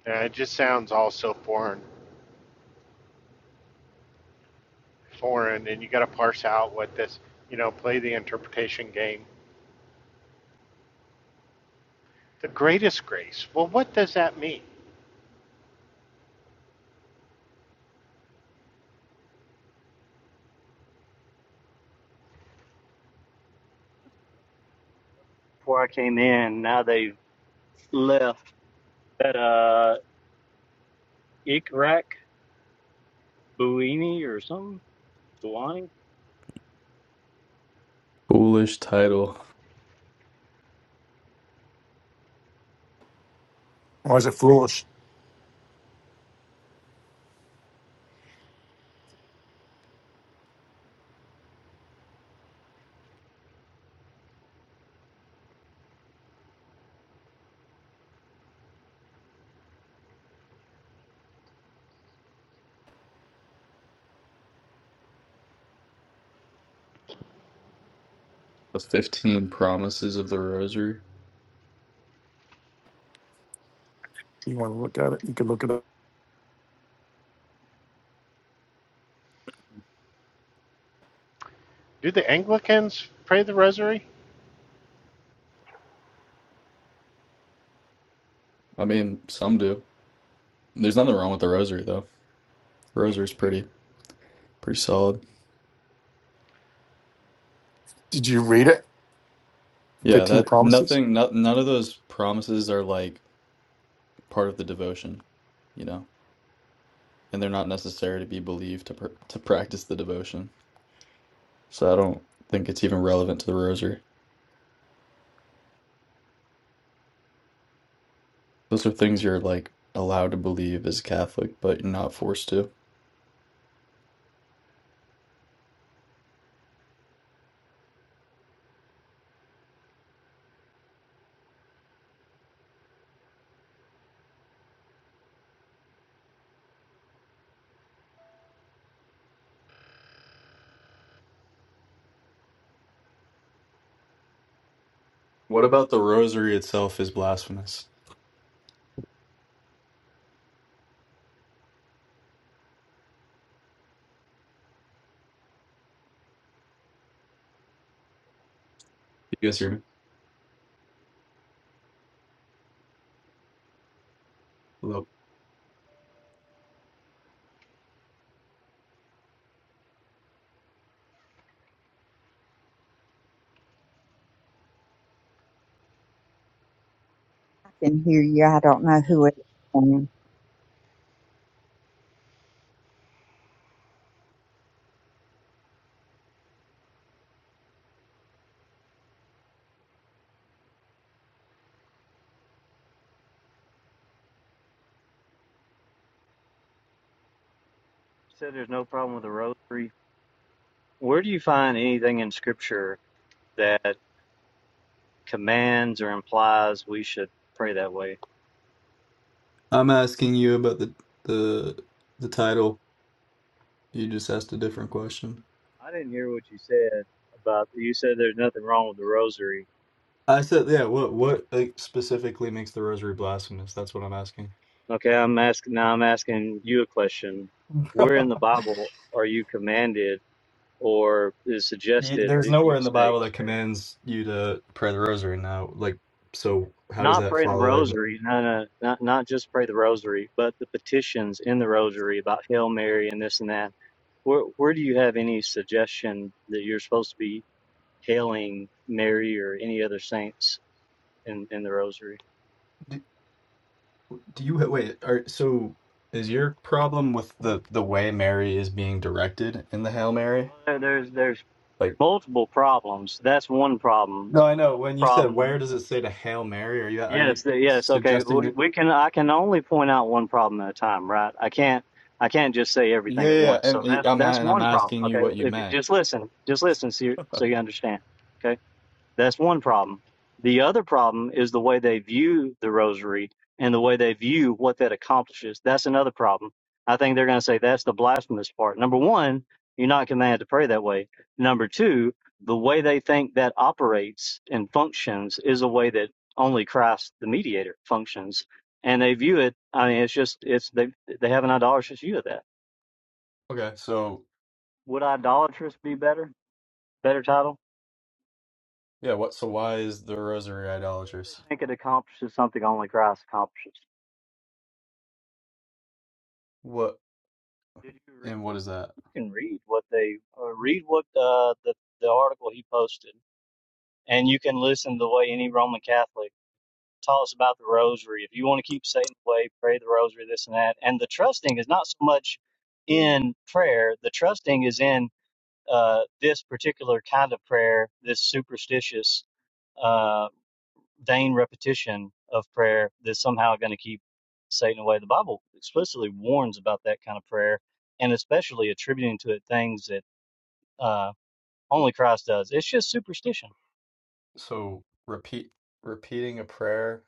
S1: And it just sounds all so foreign, foreign. And you got to parse out what this, you know, play the interpretation game. The greatest grace. Well, what does that mean?
S6: Before I came in, now they've left that, uh, Ikrak Buini or something, Buani
S7: Foolish title.
S2: Why is it foolish?
S7: The 15 Promises of the Rosary.
S2: If you want to look at it, you can look it up.
S1: Do the Anglicans pray the Rosary?
S7: I mean, some do. There's nothing wrong with the Rosary, though. The
S1: Hmm.
S7: Rosary's pretty, pretty solid.
S2: Did you read it?
S7: Yeah,
S2: Fifteen
S7: that,
S2: promises.
S7: nothing, no, none of those promises are like part of the devotion, you know? And they're not necessary to be believed to, pr to practice the devotion. So I don't think it's even relevant to the Rosary. Those are things you're like allowed to believe as a Catholic, but you're not forced to. What about the Rosary itself is blasphemous? You guys hear me?
S8: can hear you. I don't know who it is. Um,
S6: said there's no problem with the rosary where do you find anything in scripture that commands or implies we should pray that way?
S7: I'm asking you about the the the title. You just asked a different question.
S6: I didn't hear what you said about you said there's nothing wrong with the rosary.
S7: I said, yeah. What what like, specifically makes the rosary blasphemous? That's what I'm asking.
S6: Okay, I'm asking now I'm asking you a question.
S7: (laughs)
S6: Where in
S7: Bro,
S6: the Bible are you commanded or is
S7: you,
S6: suggested
S7: there's
S6: that
S7: nowhere
S6: you
S7: in the
S6: say
S7: Bible that commands you to pray the rosary. Now, like, so how does
S6: not
S7: that
S6: pray the
S7: follow? Then,
S6: rosary, no, no, not not just pray the rosary, but the petitions in the rosary about Hail Mary and this and that. Where where do you have any suggestion that you're supposed to be hailing Mary or any other saints in, in the rosary.
S7: do, do you wait? Are so is your problem with the the way Mary is being directed in the Hail Mary?
S6: Well, there's there's
S7: Like,
S6: multiple problems. That's one problem.
S7: no, I
S6: The
S7: know.
S6: other
S7: When you said where
S6: problem.
S7: does it say to Hail Mary? Are you are
S6: Yes,
S7: you
S6: yes. Okay,
S7: suggesting?
S6: we, we can. I can only point out one problem at a time, right? I can't. I can't just say
S7: Yeah,
S6: everything at
S7: yeah, yeah,
S6: once. So
S7: and it-
S6: that's
S7: I'm a-
S6: that's
S7: and I'm
S6: one problem.
S7: asking you
S6: Okay,
S7: what you
S6: if you,
S7: meant.
S6: just listen, just listen, so you, so
S7: (laughs)
S6: you understand. Okay. That's one problem. The other problem is the way they view the rosary and the way they view what that accomplishes. That's another problem. I think they're going to say that's the blasphemous part. Number one, you're not commanded to pray that way. Number two, the way they think that operates and functions is a way that only Christ, the mediator, functions. And they view it, I mean, it's just, it's, they, they have an idolatrous view of that.
S7: Okay, so
S6: Would idolatrous be better? Better title?
S7: yeah, what? So why is the rosary
S6: Because
S7: idolatrous?
S6: they think it accomplishes something only Christ accomplishes.
S7: What
S6: Did you
S7: and what is that?
S6: can read what they uh, read what uh, the the article he posted, and you can listen to the way any Roman Catholic talks about the Rosary. If you want to keep Satan away, pray the Rosary, this and that. And the trusting is not so much in prayer. The trusting is in uh, this particular kind of prayer, this superstitious, uh, vain repetition of prayer that's somehow going to keep Satan away. The Bible explicitly warns about that kind of prayer, and especially attributing to it things that uh, only Christ does. It's just superstition.
S7: So repeat repeating a prayer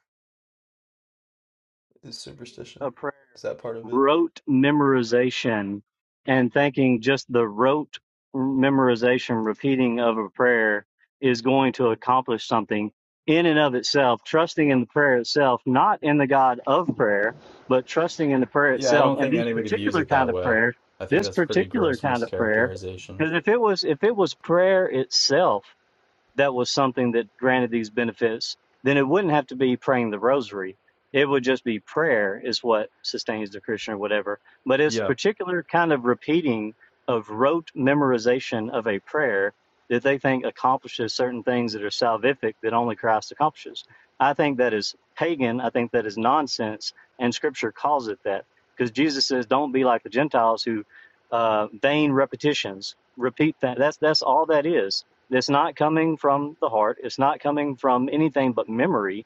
S7: is
S6: Repeating
S7: superstition.
S6: a prayer,
S7: Is that part of it?
S6: rote memorization, and thinking just the rote memorization, repeating of a prayer is going to accomplish something in and of itself, trusting in the prayer itself, not in the God of prayer, but trusting in the prayer
S7: Yeah, I
S6: itself.
S7: don't
S6: And
S7: think
S6: these
S7: anybody views
S6: particular
S7: it
S6: kind
S7: that
S6: of
S7: way.
S6: prayer,
S7: I think
S6: this
S7: that's pretty
S6: particular
S7: gross
S6: kind of prayer,
S7: mischaracterization.
S6: because if it was if it was prayer itself that was something that granted these benefits, then it wouldn't have to be praying the rosary. It would just be prayer is what sustains the Christian or whatever. But it's
S7: Yeah.
S6: particular kind of repeating of rote memorization of a prayer that they think accomplishes certain things that are salvific that only Christ accomplishes. I think that is pagan. I think that is nonsense. And scripture calls it that because Jesus says, don't be like the Gentiles who uh, vain repetitions repeat that. That's, that's all that is it's not coming from the heart. It's not coming from anything but memory.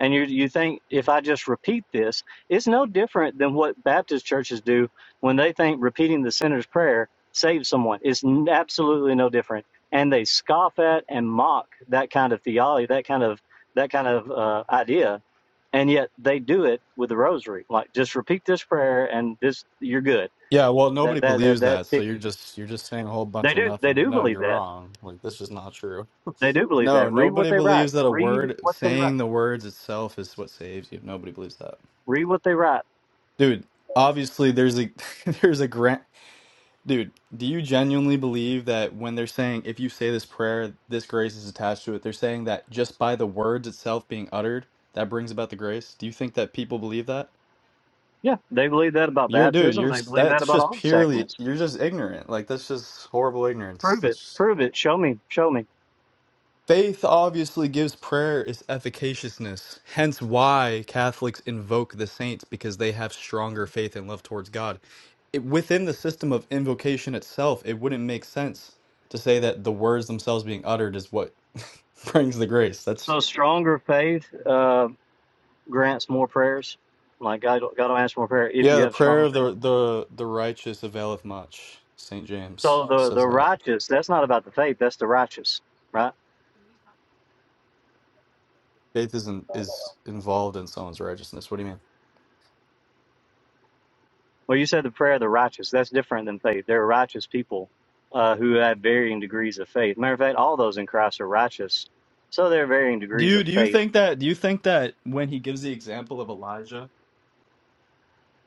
S6: And you you think if I just repeat this, it's no different than what Baptist churches do when they think repeating the sinner's prayer saves someone. It's n- absolutely no different. And they scoff at and mock that kind of theology, that kind of that kind of uh, idea. And yet they do it with the rosary. Like just repeat this prayer and this you're good.
S7: Yeah, well,
S6: That
S7: nobody
S6: that that
S7: believes
S6: that
S7: that, so you're just you're just saying a whole
S6: they
S7: bunch of
S6: do they
S7: nothing.
S6: do
S7: No,
S6: believe
S7: you're
S6: that
S7: wrong. Like this is not true.
S6: They do believe
S7: No,
S6: that. Read what
S7: nobody
S6: they write.
S7: believes that a
S6: Read
S7: word,
S6: what they write.
S7: saying the words itself is what saves you. Nobody believes that.
S6: Read what they write.
S7: Dude, obviously there's a (laughs) there's a grant. Dude, do you genuinely believe that when they're saying if you say this prayer, this grace is attached to it, they're saying that just by the words itself being uttered, that brings about the grace? Do you think that people believe that?
S6: Yeah, they believe that about
S7: You're dude,
S6: baptism.
S7: you're
S6: They
S7: s-
S6: believe that
S7: that's
S6: about
S7: just
S6: all the
S7: purely
S6: sacraments.
S7: you're just ignorant. Like that's just horrible ignorance.
S6: Prove it.
S7: That's
S6: Prove it. Show me. Show me.
S7: Faith obviously gives prayer its efficaciousness, hence why Catholics invoke the saints because they have stronger faith and love towards God. It, within the system of invocation itself, it wouldn't make sense to say that the words themselves being uttered is what (laughs) brings the grace. That's
S6: So stronger faith uh, grants more prayers. Like God, God will answer more prayer if
S7: yeah,
S6: you
S7: the
S6: have
S7: prayer
S6: stronger
S7: of
S6: faith.
S7: the the the righteous availeth much. St. James
S6: So the
S7: says
S6: the
S7: that
S6: righteous. That's not about the faith. That's the righteous, right?
S7: faith isn't is involved in someone's righteousness. What do you mean?
S6: Well, you said the prayer of the righteous. That's different than faith. There are righteous people uh, who have varying degrees of faith. Matter of fact, all those in Christ are righteous. So there are varying
S7: Do
S6: degrees
S7: you
S6: of
S7: do you
S6: faith
S7: think that do you think that when he gives the example of Elijah?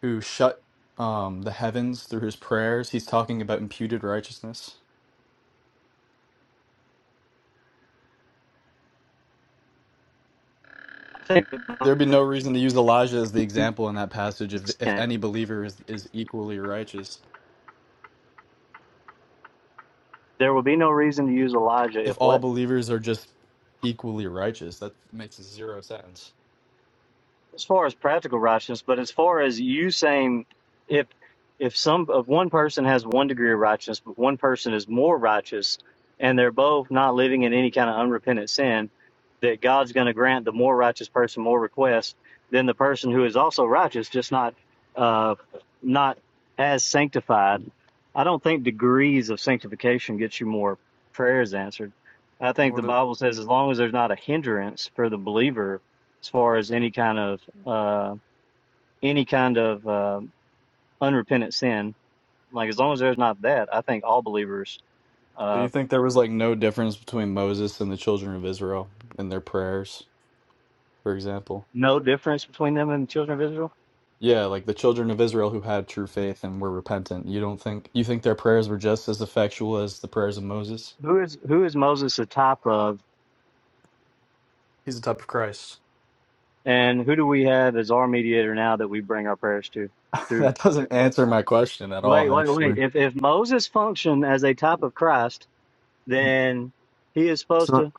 S7: who shut um, the heavens through his prayers. He's talking about imputed righteousness.
S6: think
S7: There'd be no reason to use Elijah as the example in that passage if, if any believer is, is equally righteous.
S6: there will be no reason to use Elijah if
S7: If
S6: what?
S7: all believers are just equally righteous, that makes zero sense.
S6: as far as practical righteousness, but as far as you saying if if some if one person has one degree of righteousness, but one person is more righteous, and they're both not living in any kind of unrepentant sin, that God's going to grant the more righteous person more requests than the person who is also righteous, just not uh, not as sanctified. I don't think degrees of sanctification gets you more prayers answered. I think the
S7: What a,
S6: Bible says as long as there's not a hindrance for the believer as far as any kind of uh, any kind of um unrepentant sin. Like as long as there's not that, I think all believers
S7: so
S6: uh,
S7: you think there was like no difference between Moses and the children of Israel in their prayers, for example?
S6: no difference between them and the children of Israel.
S7: Yeah, like the children of Israel who had true faith and were repentant. You don't think you think their prayers were just as effectual as the prayers of Moses?
S6: Who is who is Moses the type of,
S7: He's the type of Christ.
S6: and who do we have as our mediator now that we bring our prayers to?
S7: (laughs)
S6: Through
S7: that doesn't answer my question at
S6: wait,
S7: all,
S6: wait,
S7: actually.
S6: wait. If if Moses functioned as a type of Christ, then he is supposed
S7: So,
S6: to.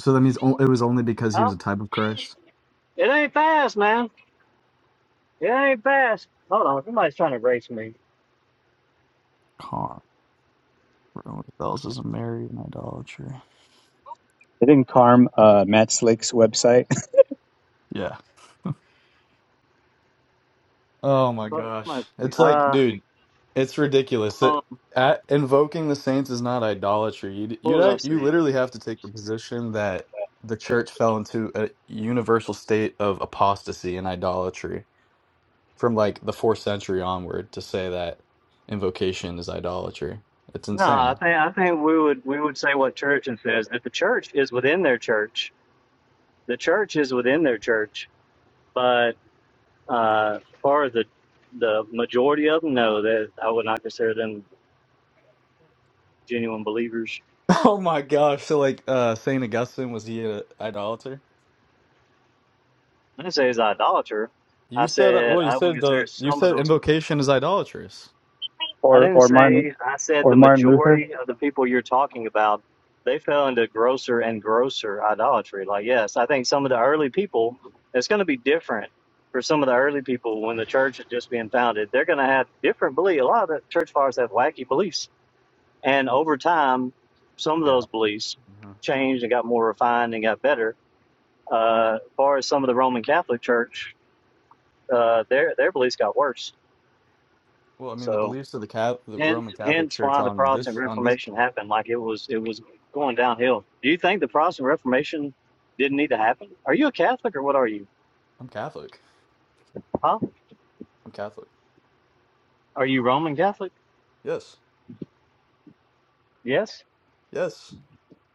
S7: so that means o- it was only because he was
S6: Oh,
S7: a type of Christ.
S6: it ain't fast, man. It ain't fast. Hold on, somebody's trying to race me.
S7: Car. What else is a Mary and idolatry?
S9: Didn't Carm uh, Matt Slick's website
S7: Yeah. (laughs) Oh my gosh. It's like,
S6: Somebody's-
S7: dude, it's ridiculous
S6: Uh,
S7: that at, invoking the saints is not idolatry. You you
S6: What was I
S7: like- you
S6: saying?
S7: literally have to take the position that the church fell into a universal state of apostasy and idolatry from like the 4th century onward to say that invocation is idolatry. It's
S6: No, I
S7: insane.
S6: think I think we would we would say what church and says if the church is within their church. The church is within their church, but uh, as far as the the majority of them, no, that I would not consider them genuine believers.
S7: Oh my gosh. So like uh Saint Augustine was he an idolater?
S6: I didn't say it's idolater. I
S7: You said
S6: said
S7: well you
S6: I would
S7: said
S6: consider
S7: the you
S6: some of
S7: said
S6: those.
S7: invocation is idolatrous.
S9: (laughs)
S6: I
S9: or
S6: didn't
S9: or Martin
S6: say, I said
S9: or
S6: the
S9: Martin Luther?
S6: majority of the people you're talking about, they fell into grosser and grosser idolatry. Like, yes, I think some of the early people, it's going to be different for some of the early people when the church is just being founded. They're going to have different beliefs. A lot of the church fathers have wacky beliefs. And over time, some of
S7: Yeah.
S6: those beliefs
S7: hmm
S6: changed and got more refined and got better. Uh, as far as some of the Roman Catholic Church, uh, their, their beliefs got worse.
S7: Well, I mean the
S6: So,
S7: beliefs of the Catholic, the
S6: Hence,
S7: Roman Catholic
S6: hence
S7: Church
S6: why the
S7: on
S6: Protestant
S7: this on this
S6: Reformation happened. Like it was, it was going downhill. Do you think the Protestant Reformation didn't need to happen? Are you a Catholic or what are you?
S7: I'm Catholic.
S6: Huh?
S7: I'm Catholic.
S6: Are you Roman Catholic?
S7: Yes.
S6: Yes.
S7: Yes.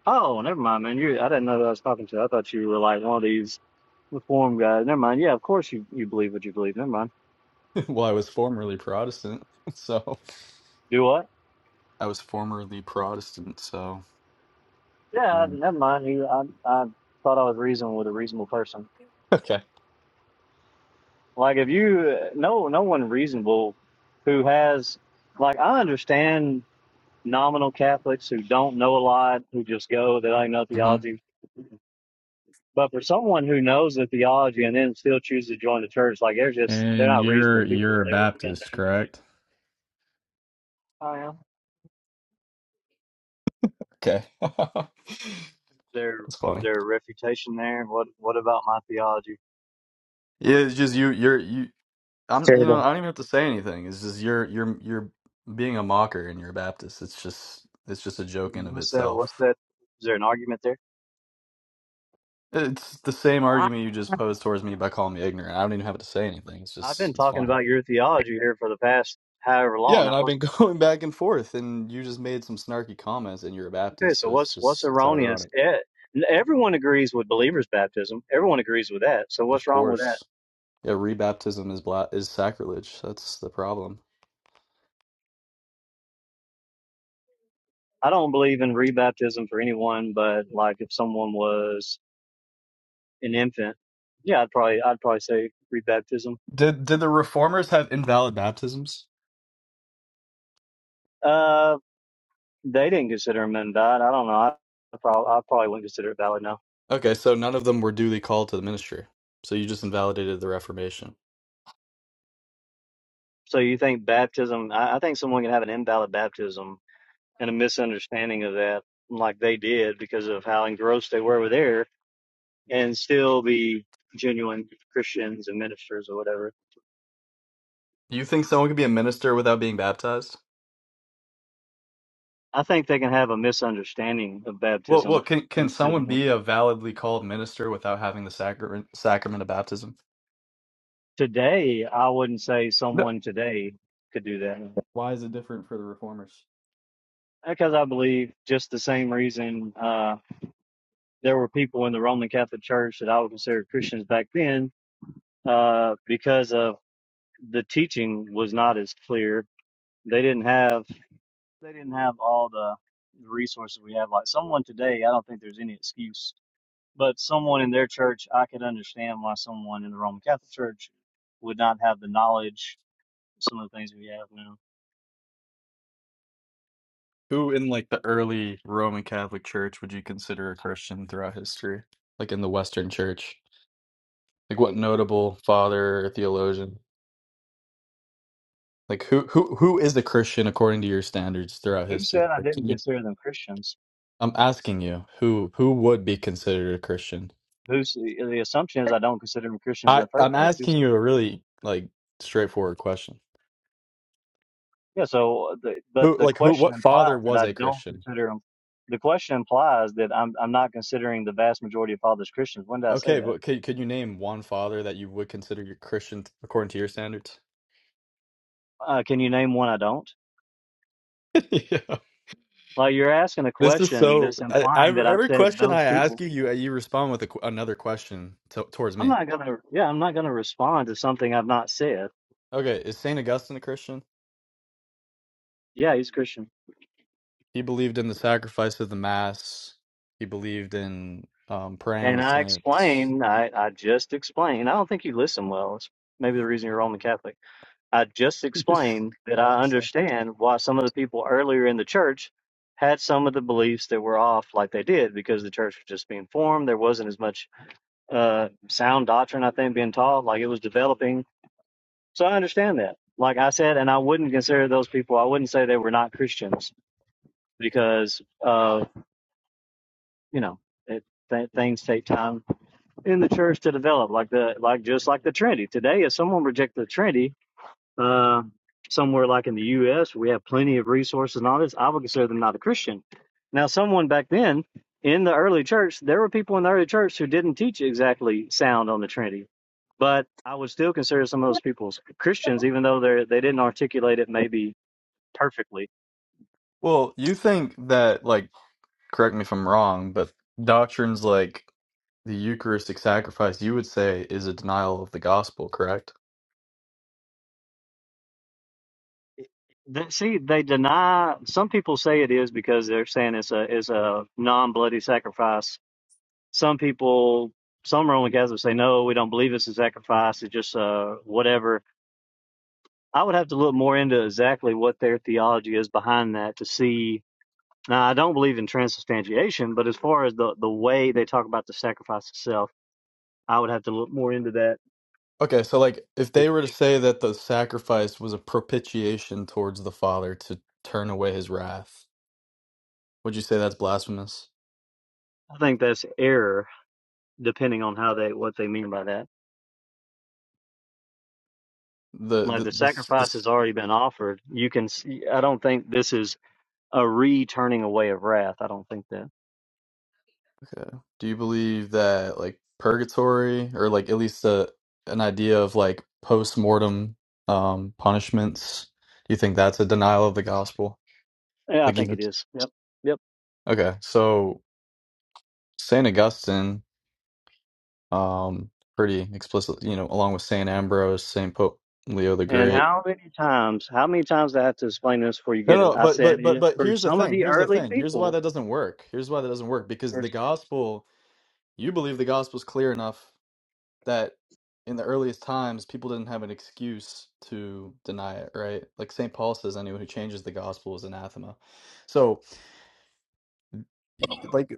S6: Oh, never mind, man. You, I didn't know that I was talking to. I thought you were like one of these reform guys. Never mind. Yeah, of course you, you believe what you believe. Never mind.
S7: (laughs) Well, I was formerly Protestant. (laughs) So
S6: Do what?
S7: I was formerly Protestant, so I
S6: Yeah,
S7: mean
S6: never mind. You, I, I thought I was reasoning with a reasonable person.
S7: Okay.
S6: Like if you, no, no one reasonable who has like I understand nominal Catholics who don't know a lot, who just go, they don't know
S7: hmm
S6: theology. But for someone who knows the theology and then still chooses to join the church, like they're just they're
S7: And
S6: not reasonable
S7: you're
S6: people. Or
S7: you're a
S6: they wouldn't have been
S7: Baptist, correct?
S6: there. I am.
S7: Okay. (laughs) That's
S6: Their
S7: funny.
S6: their refutation there. What what about my theology?
S7: Yeah, it's just you you're you
S9: It's
S7: I'm you
S9: terrible.
S7: know I don't even have to say anything. It's just you're you're you're being a mocker and you're a Baptist. It's just it's just a joke in of
S6: What's that? What's
S7: itself.
S6: that? Is there an argument there?
S7: It's the same argument you just posed towards me by calling me ignorant. I don't even have to say anything. It's
S6: I've
S7: just
S6: been
S7: it's
S6: talking
S7: funny.
S6: about your theology here for the past however long.
S7: Yeah,
S6: Now,
S7: and I've
S6: what's
S7: been (laughs) going back and forth, and you just made some snarky comments, and you're a
S6: okay?
S7: Baptist,
S6: So
S7: so it's
S6: what's what's
S7: just it's
S6: erroneous?
S7: ironic.
S6: Eh, Everyone agrees with believers' baptism. Everyone agrees with that. So
S7: Of
S6: what's wrong with that?
S7: course, yeah, rebaptism is bla is sacrilege. That's the problem.
S6: I don't believe in rebaptism for anyone, but like if someone was an infant, yeah, I'd probably I'd probably say rebaptism.
S7: Did did the reformers have invalid baptisms?
S6: Uh, they didn't consider him undied. I don't know. I, I probably I probably wouldn't consider it valid now.
S7: Okay, so none of them were duly called to the ministry. So you just invalidated the Reformation.
S6: So you think baptism? I, I think someone can have an invalid baptism and a misunderstanding of that, like they did because of how engrossed they were with there, and still be genuine Christians and ministers or whatever.
S7: You think someone can be a minister without being baptized?
S6: I think they can have a misunderstanding of
S7: Well, well,
S6: baptism
S7: can can
S6: and still
S7: someone be a validly called minister without having the sacrament sacrament of baptism?
S6: Today, I wouldn't say
S7: No.
S6: someone today could do that
S7: Why is it different for the Reformers?
S6: because I believe just the same reason uh, there were people in the Roman Catholic Church that I would consider Christians back then uh, because of the teaching was not as clear. They didn't have they didn't have all the resources we have. Like someone today, I don't think there's any excuse. But someone in their church, I could understand why someone in the Roman Catholic Church would not have the knowledge, some of the things we have now.
S7: Who in like the early Roman Catholic Church would you consider a Christian throughout history? Like in the Western Church, like what notable father or theologian? Like who who who is a Christian according to your standards throughout
S6: Who
S7: history?
S6: said I
S7: Like,
S6: didn't
S7: can you
S6: consider them Christians?
S7: I'm asking you who who would be considered a Christian?
S6: Who's the assumption is I don't consider them Christians in
S7: I
S6: the first
S7: I'm
S6: place? Who
S7: asking
S6: said?
S7: you a really like straightforward question.
S6: Yeah. So, uh, the, but
S7: Who
S6: the
S7: like who
S6: question
S7: what
S6: implies
S7: father
S6: that
S7: was
S6: I
S7: a
S6: don't
S7: Christian?
S6: consider them. The question implies that I'm I'm not considering the vast majority of fathers Christians. When did I say
S7: Okay,
S6: that?
S7: but could could you name one father that you would consider your Christian according to your standards?
S6: Uh, can you name one I don't?
S7: (laughs) yeah.
S6: Like you're asking a
S7: This is
S6: question
S7: so
S6: that's
S7: I, I
S6: implying that I've
S7: every
S6: said
S7: question
S6: those
S7: I ask
S6: people.
S7: you you you respond with a, qu- another question to, towards
S6: I'm
S7: me.
S6: not gonna. Yeah, I'm not gonna respond to something I've not said.
S7: Okay, is Saint Augustine a Christian?
S6: Yeah, he's a Christian.
S7: He believed in the sacrifice of the mass. He believed in um, praying
S6: And
S7: to
S6: I
S7: saints.
S6: explain. I I just explain. I don't think you listen well. It's maybe the reason you're Roman Catholic I just
S7: (laughs)
S6: explained that I
S7: i
S6: understand why some of the people earlier in the church had some of the beliefs that were off like they did because the church was just being formed. There wasn't as much uh, sound doctrine, I think, being taught, like it was developing. So I understand that. Like I said, and I wouldn't consider those people, I wouldn't say they were not Christians because, uh, you know, it, th- things take time in the church to develop, like the, like just like the Trinity. Today, if someone rejects the Trinity, Uh, somewhere like in the U.S., we have plenty of resources and all this. I would consider them not a Christian. Now, someone back then in the early church, there were people in the early church who didn't teach exactly sound on the Trinity, but I would still consider some of those people Christians, even though they they didn't articulate it maybe perfectly.
S7: Well, you think that, like, correct me if I'm wrong, but doctrines like the Eucharistic sacrifice, you would say, is a denial of the gospel, correct?
S6: They, see, they deny. Some people say it is because they're saying it's a is a non bloody sacrifice. Some people, some Roman Catholics say no, we don't believe it's a sacrifice. It's just uh, whatever I would have to look more into exactly what their theology is behind that to see. Now, I don't believe in transubstantiation, but as far as the, the way they talk about the sacrifice itself, I would have to look more into that.
S7: Okay, so, like, if they were to say that the sacrifice was a propitiation towards the Father to turn away his wrath, would you say that's blasphemous?
S6: I think that's error, depending on how they what they mean by that.
S7: The,
S6: Like
S7: the,
S6: the
S7: this,
S6: sacrifice has
S7: this,
S6: already been offered, you can. See, I don't think this is a re-turning away of wrath. I don't think that.
S7: okay. Do you believe that, like, purgatory, or, like, at least a, an idea of, like, post mortem um, punishments, do you think that's a denial of the gospel?
S6: Yeah, I
S7: Like
S6: think
S7: even
S6: it is. Yep, yep.
S7: okay, so Saint Augustine, um, pretty explicit, you know, along with Saint Ambrose, Saint Pope Leo the
S6: And
S7: Great.
S6: how many times? How many times do I have to explain this before you
S7: No,
S6: get it?
S7: no,
S6: I
S7: but
S6: said
S7: but but
S6: it
S7: but
S6: for
S7: here's the
S6: some of
S7: thing.
S6: the
S7: Here's the
S6: early
S7: thing. Here's
S6: people
S7: why that doesn't work. Here's why that doesn't work because the
S6: First,
S7: gospel, you believe the gospel's clear enough that in the earliest times people didn't have an excuse to deny it, right? Like Saint Paul says, anyone who changes the gospel is anathema. So y- like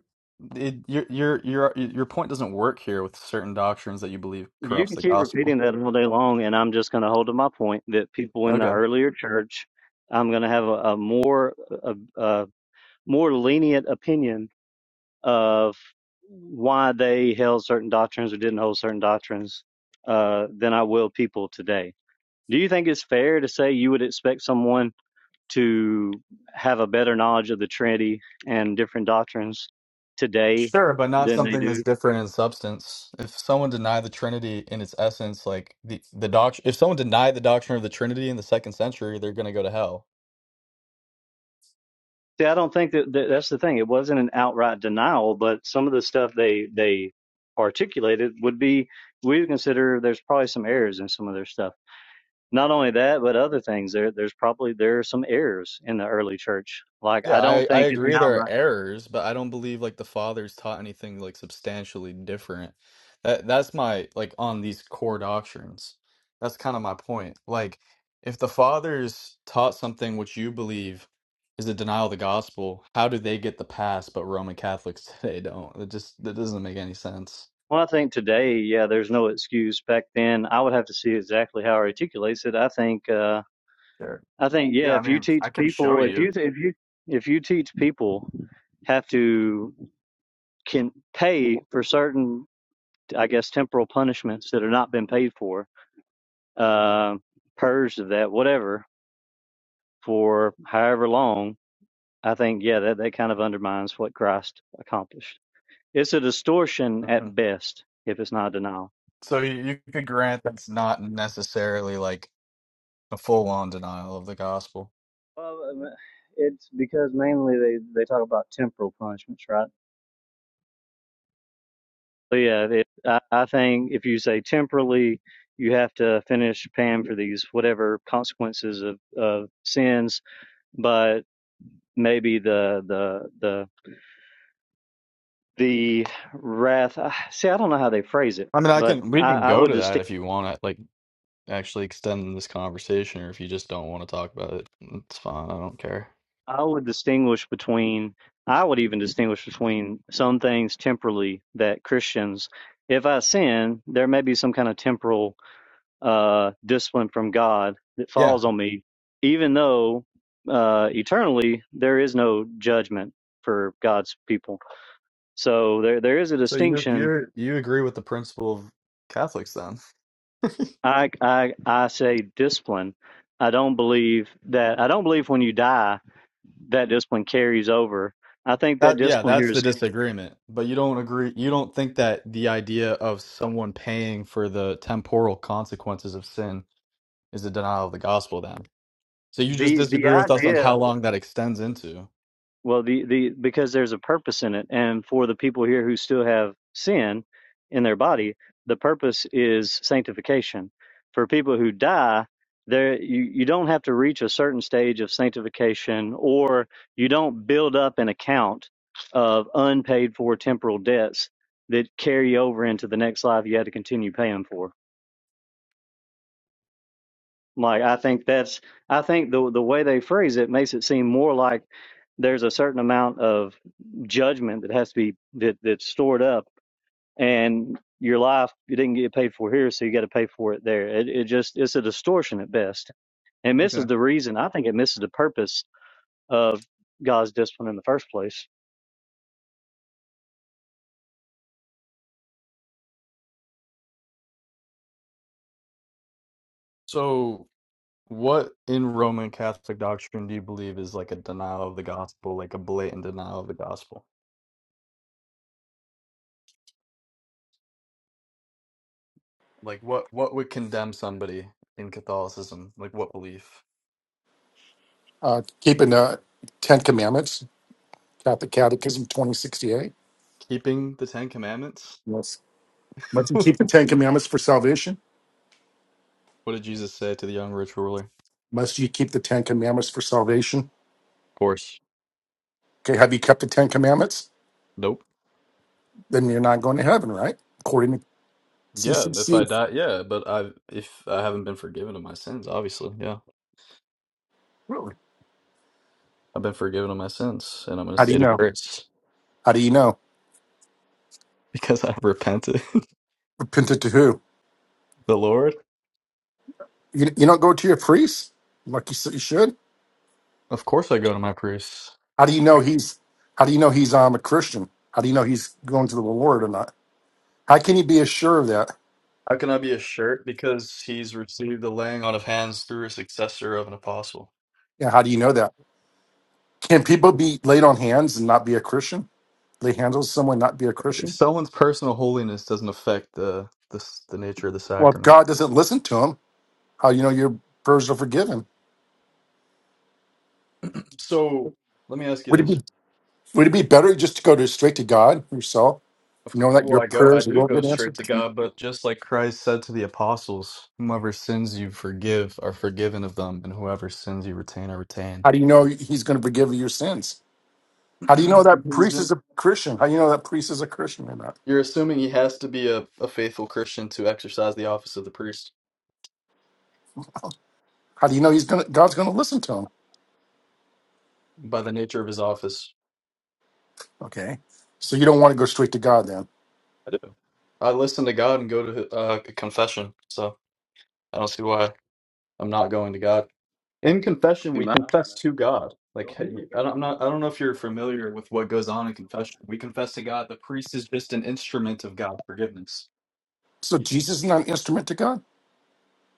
S7: it, your your your your point doesn't work here with certain doctrines that you believe
S6: you
S7: corrupts
S6: can
S7: the
S6: keep
S7: gospel.
S6: repeating that all day long, and I'm just going to hold to my point that people in the
S7: Okay.
S6: earlier church, I'm going to have a, a more a, a more lenient opinion of why they held certain doctrines or didn't hold certain doctrines uh, than I will people today. Do you think it's fair to say you would expect someone to have a better knowledge of the Trinity and different doctrines today
S7: Sure, but not
S6: than they
S7: something
S6: do
S7: that's different in substance. If someone denied the Trinity in its essence, like the the doc, if someone denied the doctrine of the Trinity in the second century, they're going to go to hell.
S6: See, I don't think that, that that's the thing. It wasn't an outright denial, but some of the stuff they they articulated would be we would consider there's probably some errors in some of their stuff. Not only that, but other things. There there's probably there are some errors in the early church. Like
S7: Yeah,
S6: I don't
S7: I, I
S6: think it's an
S7: agree there are
S6: outright.
S7: errors, but I don't believe like the fathers taught anything like substantially different. That that's my like on these core doctrines. That's kind of my point. Like if the fathers taught something which you believe is a denial of the gospel, how do they get the pass but Roman Catholics (laughs) today don't? It just that doesn't make any sense.
S6: Well, I think today, yeah, there's no excuse. Back then, I would have to see exactly how it articulates it. I think, uh,
S7: Sure.
S6: I think, yeah,
S7: Yeah, I
S6: if you
S7: mean,
S6: teach
S7: I can show
S6: people, if
S7: you.
S6: you if you if you teach people have to can pay for certain I guess, temporal punishments that have not been paid for, uh, purged of that, whatever, for however long, I think, yeah, that, that kind of undermines what Christ accomplished. It's a distortion at
S7: Mhm.
S6: best if it's not a denial.
S7: So you, you could grant that's not necessarily like a full-on denial of the gospel.
S6: Well, um, it's because mainly they, they talk about temporal punishments, right? But yeah, it, I, I think if you say temporally, you have to finish paying for these whatever consequences of, of sins, but maybe the the the the wrath. uh, See, I don't know how they phrase it,
S7: I mean, I
S6: but
S7: can we
S6: I,
S7: can
S6: I
S7: go
S6: would
S7: to
S6: distinguish.
S7: that if you want to like actually extend this conversation, or if you just don't want to talk about it, mm, it's fine. I don't care.
S6: I would distinguish between. I would even distinguish between some things temporally that Christians, if I sin, there may be some kind of temporal uh, discipline from God that
S7: Yeah.
S6: falls on me, even though uh, eternally there is no judgment for God's people. So there, there is a
S7: So you
S6: distinction
S7: you you agree with the principle of Catholics then?
S6: I, I, I say discipline. I don't believe that. I don't believe when you die that discipline carries over. I think that
S7: That yeah,
S6: discipline here
S7: that's the
S6: is
S7: disagreement. But you don't agree. You don't think that the idea of someone paying for the temporal consequences of sin is a denial of the gospel then. So you just
S6: the the
S7: disagree with us on
S6: idea.
S7: how long that extends into.
S6: Well, the, the because there's a purpose in it, and for the people here who still have sin in their body, the purpose is sanctification. For people who die, there you, you don't have to reach a certain stage of sanctification, or you don't build up an account of unpaid for temporal debts that carry over into the next life. You have to continue paying for. Like I think that's I think the the way they phrase it makes it seem more like there's a certain amount of judgment that has to be that that's stored up and your life you didn't get paid for here so you got to pay for it there. It it just it's a distortion at best. and
S7: Okay.
S6: misses the reason. I think it misses the purpose of God's discipline in the first place.
S7: So What in Roman Catholic doctrine do you believe is like a denial of the gospel, like a blatant denial of the gospel? Like what what would condemn somebody in Catholicism? Like what belief?
S2: Uh, keeping the Ten Commandments. Catholic Catechism twenty sixty eight.
S7: Keeping the Ten Commandments?
S2: Yes. Must you
S7: (laughs)
S2: keep the Ten Commandments for salvation?
S7: What did Jesus say to the young rich ruler? Of
S2: Must you keep the Ten Commandments for salvation?
S7: course.
S2: Okay, have you kept the Ten Commandments?
S7: Nope.
S2: Then you're not going to heaven, right? According to
S7: Yeah, if I
S2: CCC.
S7: die, yeah, but I if I haven't been forgiven of my sins, obviously, yeah.
S2: Really?
S7: I've been forgiven of my sins and I'm in a
S2: How do you
S7: state of
S2: know?
S7: grace
S2: How do you know?
S7: (laughs) because I've repented. (laughs)
S2: Repented to who?
S7: The Lord?
S2: You, you don't go to your priest like you said you should.
S7: Of course I go to my priest.
S2: How do you know he's? How do you know he's um, a Christian? How do you know he's going to the Lord or not? How can you be assured of that?
S7: How can I be a shirt? Because he's received the laying on of hands through a successor of an apostle.
S2: Yeah, how do you know that? Can people be laid on hands and not be a Christian? Lay hands on someone, and not be a Christian?
S7: Someone's personal holiness doesn't affect the the, s- the nature of the
S2: Well, if
S7: sacrament.
S2: God doesn't listen to him, how do you know your prayers are forgiven?
S7: So let me ask you
S2: Would it be?
S7: this:
S2: Would it be better just to go to straight to God yourself?
S7: of, c-
S2: Know that
S7: Well,
S2: your
S7: I go, I
S2: prayers
S7: do
S2: will
S7: go
S2: get
S7: straight
S2: answered.
S7: to God, but just like Christ said to the apostles, whomever sins you forgive are forgiven of them, and whoever sins you retain are retained.
S2: How do you know He's going to forgive your sins?
S7: (clears throat)
S2: How do you know that
S7: He's
S2: priest
S7: been-
S2: is a Christian? How do you know that priest is a Christian or not?
S7: You're assuming he has to be a, a faithful Christian to exercise the office of the priest
S2: How do you know He's going to, God's going to listen to him?
S7: by the nature of his office.
S2: Okay, so you don't want to go straight to God then.
S7: I do. I listen to God and go to uh, confession, so I don't see why I'm not going to God. In confession,
S3: Wait,
S7: we confess to God. Like I don't, I'm not, I don't know if you're familiar with what goes on in confession. We confess to God. The priest is just an instrument of God's forgiveness.
S2: So Jesus is not an instrument to God.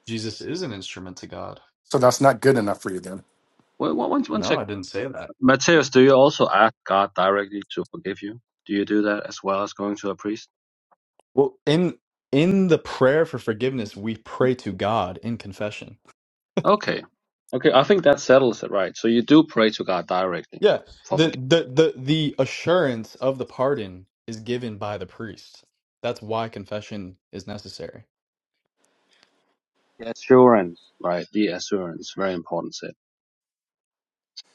S7: Jesus is an instrument to God.
S2: So that's not good enough for you then.
S3: one, one, one
S7: No,
S3: sec.
S7: I didn't say that.
S3: Mateus, do you also ask God directly to forgive you? Do you do that as well as going to a priest?
S7: Well, in in the prayer for forgiveness, we pray to God in confession.
S3: Okay. Okay, I think that settles it, right? So you do pray to God directly
S7: Yeah,
S3: for
S7: the
S3: forgiveness.
S7: the the the assurance of the pardon is given by the priest. That's why confession is necessary.
S3: The assurance, right? The assurance, very important set.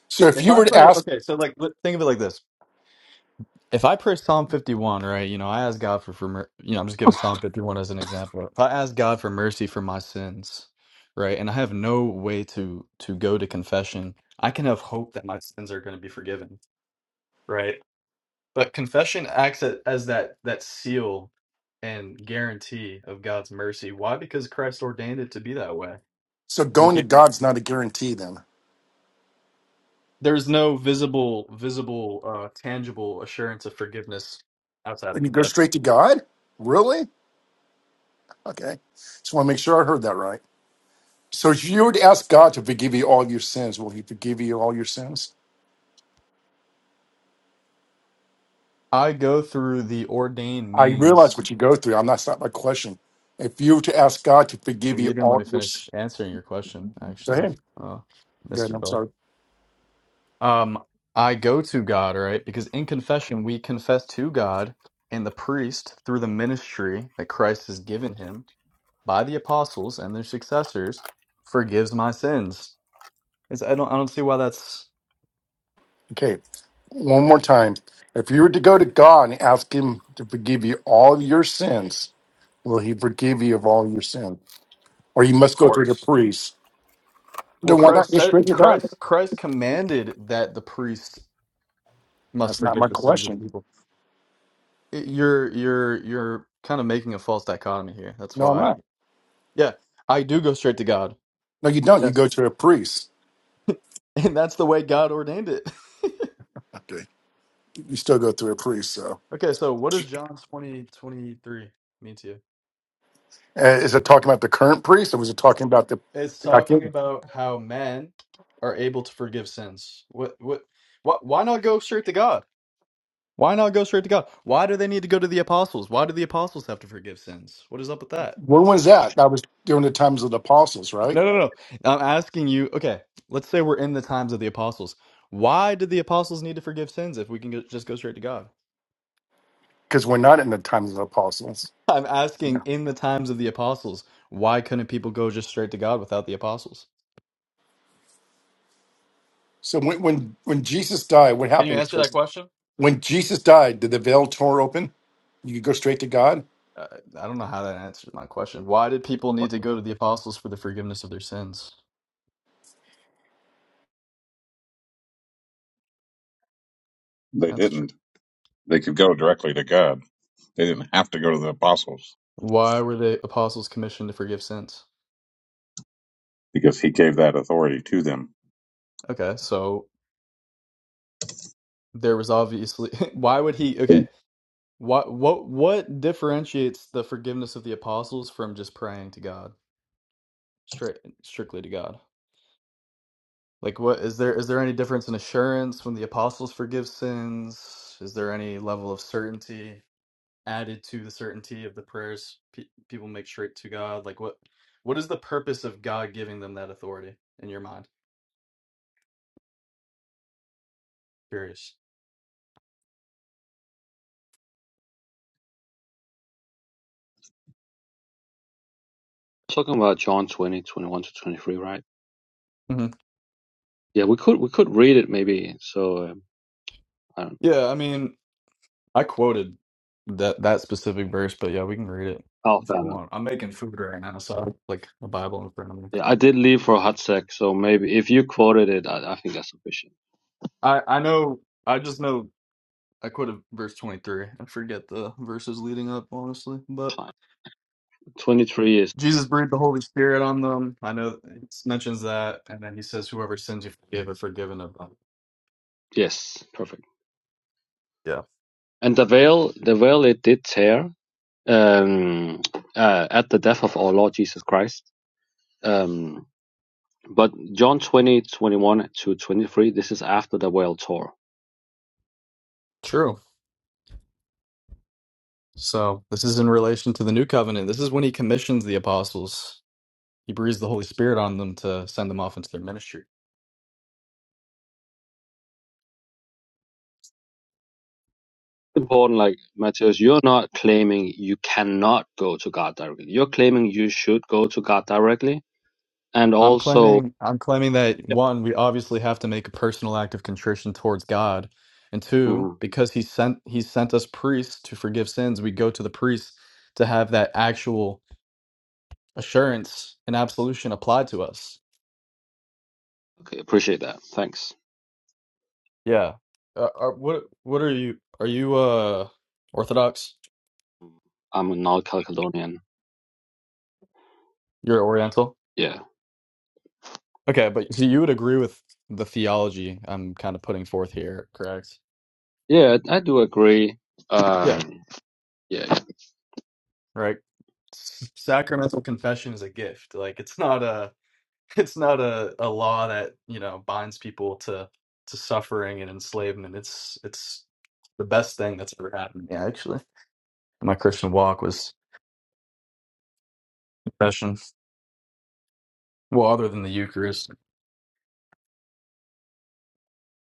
S2: So if
S7: If
S2: you
S7: I
S2: were to
S7: pray,
S2: ask,
S7: okay, so like let- think of it like this: if I pray Psalm fifty-one, right? You know, I ask God for for mer- you know, I'm just giving Psalm fifty-one as an example. If I ask God for mercy for my sins, right, and I have no way to to go to confession, I can have hope that my sins are going to be forgiven, right? But confession acts a- as that that seal and guarantee of God's mercy. Why? Because Christ ordained it to be that way.
S2: so
S7: Mhm.
S2: going to God's
S7: Yeah.
S2: not a guarantee then.
S7: There's no visible, visible, uh, tangible assurance of forgiveness outside
S2: When
S7: of
S2: you go
S7: confession.
S2: straight to God, really? Okay, just want to make sure I heard that right. So if you would ask God to forgive you all your sins, will He forgive you all your sins?
S7: I go through the ordained
S2: I realize
S7: means.
S2: what you go through. I'm that's not my question. If you were to ask God to forgive
S7: You
S2: you
S7: didn't let
S2: all
S7: me
S2: your sins,
S7: finish answering your question,
S2: go
S7: actually,
S2: ahead.
S7: uh,
S2: Go ahead.
S7: Mr.
S2: I'm
S7: Bell.
S2: sorry.
S7: Um, I go to God, right? Because in confession, we confess to God and the priest through the ministry that Christ has given him by the apostles and their successors forgives my sins. It's, I don't I don't see why that's
S2: Okay. One more time. If you were to go to God and ask Him to forgive you all your sins, will He forgive you of all your sin? Or you must
S7: of
S2: go through the
S7: course.
S2: priest.
S7: Well,
S2: Then why not
S7: Christ
S2: go
S7: said
S2: straight to God?
S7: Christ Christ commanded that the priest must
S2: That's not my
S7: forgive the sins of the
S2: question.
S7: people. It- you're you're you're kind of making a false dichotomy here. That's
S2: No, I'm
S7: why.
S2: not.
S7: Yeah, I do go straight to God.
S2: No, you don't. You
S7: Yes,
S2: go to a priest.
S7: (laughs) and that's the way God ordained it. (laughs)
S2: Okay. You still go through a priest, so.
S7: Okay, so what does John 20 23 mean to you?
S2: Uh, is it talking about the current priest, or was it talking about the?
S7: It's
S2: Back
S7: talking
S2: then?
S7: about how men are able to forgive sins. What, what, what, why not go straight to God? Why not go straight to God? Why do they need to go to the apostles? Why do the apostles have to forgive sins? What is up with that?
S2: When was that? That was during the times of the apostles, right?
S7: No, no, no. I'm asking you, okay, let's say we're in the times of the apostles. Why did the apostles need to forgive sins if we can go, just go straight to God?
S2: Because we're not in the times of the apostles.
S7: I'm asking
S2: Yeah.
S7: in the times of the apostles, why couldn't people go just straight to God without the apostles?
S2: So when when when Jesus died, what
S7: Can you
S2: happened?
S7: answer that
S2: was-
S7: question?
S2: When Jesus died, did the veil tore open? You could go straight to God.
S7: I I don't know how that answers my question. Why did people need to go to the apostles for the forgiveness of their sins?
S10: They
S7: That's true.
S10: didn't. They could go directly to God. They didn't have to go to the apostles
S7: Why were the apostles commissioned to forgive sins?
S10: because he gave that authority to them.
S7: Okay, so there was obviously (laughs) why would he okay, what what what differentiates the forgiveness of the apostles from just praying to God, straight strictly to God? Like what is there is there any difference in assurance when the apostles forgive sins? Is there any level of certainty? added to the certainty of the prayers pe- people make straight to God? Like what what is the purpose of God giving them that authority in your mind? Curious.
S3: Talking about John 20, 21 to 23, right?
S7: hmm
S3: Yeah, we could we could read it maybe. So um, I don't
S7: Yeah, I mean, I quoted that that specific verse, but yeah, we can read it
S3: Oh,
S7: if
S3: fair
S7: you
S3: enough.
S7: want. I'm making food right now, so I have, like a Bible in front of me.
S3: Yeah, I did leave for a hot sec, so maybe if you quoted it, I, I think that's sufficient.
S7: I I know I just know I quoted verse 23. I forget the verses leading up, honestly, but
S3: Fine. 23 is,
S7: Jesus breathed the Holy Spirit on them. I know it mentions that, and then he says, "Whoever sins you forgive are forgiven of them."
S3: yes, perfect.
S7: Yeah.
S3: And the veil, the veil it did tear um, uh, at the death of our Lord Jesus Christ. Um, but John 20 21 to 23, this is after the world tour.
S7: True. So this is in relation to the new covenant. This is when he commissions the apostles. He breathes the Holy Spirit on them to send them off into their ministry.
S3: Important, like Matthias, you're not claiming you cannot go to God directly. You're claiming you should go to God directly. And
S7: I'm
S3: also,
S7: claiming I'm claiming that
S3: yeah.
S7: one, we obviously have to make a personal act of contrition towards God. And two,
S3: Mhm.
S7: because he sent he sent us priests to forgive sins, we go to the priests to have that actual assurance and absolution applied to us.
S3: okay, appreciate that. Thanks.
S7: Yeah. Uh, are, what what are you are you uh Orthodox?
S3: I'm a non Caledonian.
S7: You're Oriental?
S3: Yeah.
S7: Okay, but so you would agree with the theology I'm kind of putting forth here, correct?
S3: Yeah, I do agree.
S7: Yeah,
S3: Um, yeah.
S7: right. S- Sacramental confession is a gift. Like it's not a (laughs) it's not a, a law that, you know, binds people to to suffering and enslavement. It's it's the best thing that's ever happened. to me, actually. My Christian walk was confession. Well, other than the Eucharist.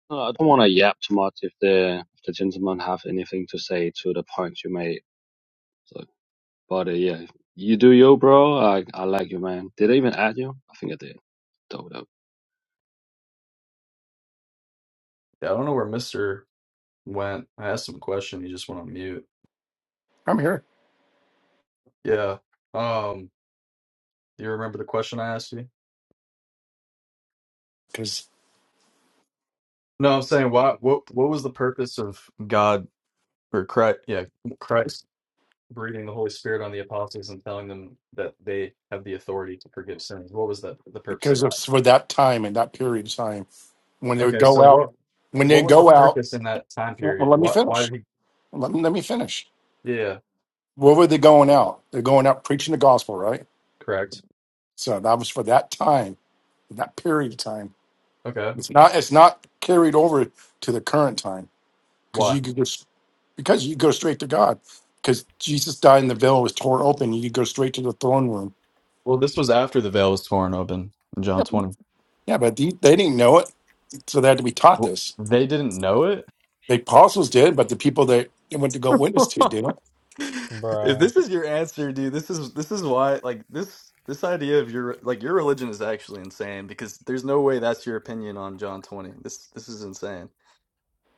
S3: No, I don't want to yap too much if the, if the gentlemen have anything to say to the points you made. So But uh, yeah, you do yo, bro. I I like you, man. Did I even add you? I think I did. Dope, dope.
S7: Yeah, I don't know where Mister went. I asked him a question, he just went on mute.
S2: I'm here
S7: Yeah. Um, do you remember the question I asked you?
S2: because
S7: No, I'm saying why what what was the purpose of God or Christ yeah, Christ breathing the Holy Spirit on the apostles and telling them that they have the authority to forgive sins? What was the, the purpose of
S2: because
S7: that?
S2: it's for that time and that period of time when they would
S7: Okay,
S2: go
S7: so
S2: out.
S7: what
S2: When they
S7: what was the
S2: go out,
S7: purpose in that time
S2: well, well,
S7: period?
S2: let me
S7: What why
S2: finish.
S7: did he
S2: Let me, let me finish.
S7: Yeah,
S2: Where were they going out? They're going out preaching the gospel, right?
S7: correct.
S2: So that was for that time in that period of time.
S7: Okay.
S2: It's not it's not carried over to the current time because
S7: Why?
S2: you could just because you go straight to God because Jesus died and the veil was torn open. You could go straight to the throne room.
S7: Well, this was after the veil was torn open in John
S2: Yep.
S7: 20.
S2: Yeah, but the, they didn't know it, so they had to be taught
S7: W-
S2: this.
S7: They didn't know it?
S2: The apostles did, but the people that they went to go witness to didn't.
S7: If
S11: Bruh,
S7: this is your answer, dude, this is this is why like this this idea of your like your religion is actually insane because there's no way that's your opinion on John 20. This this is insane.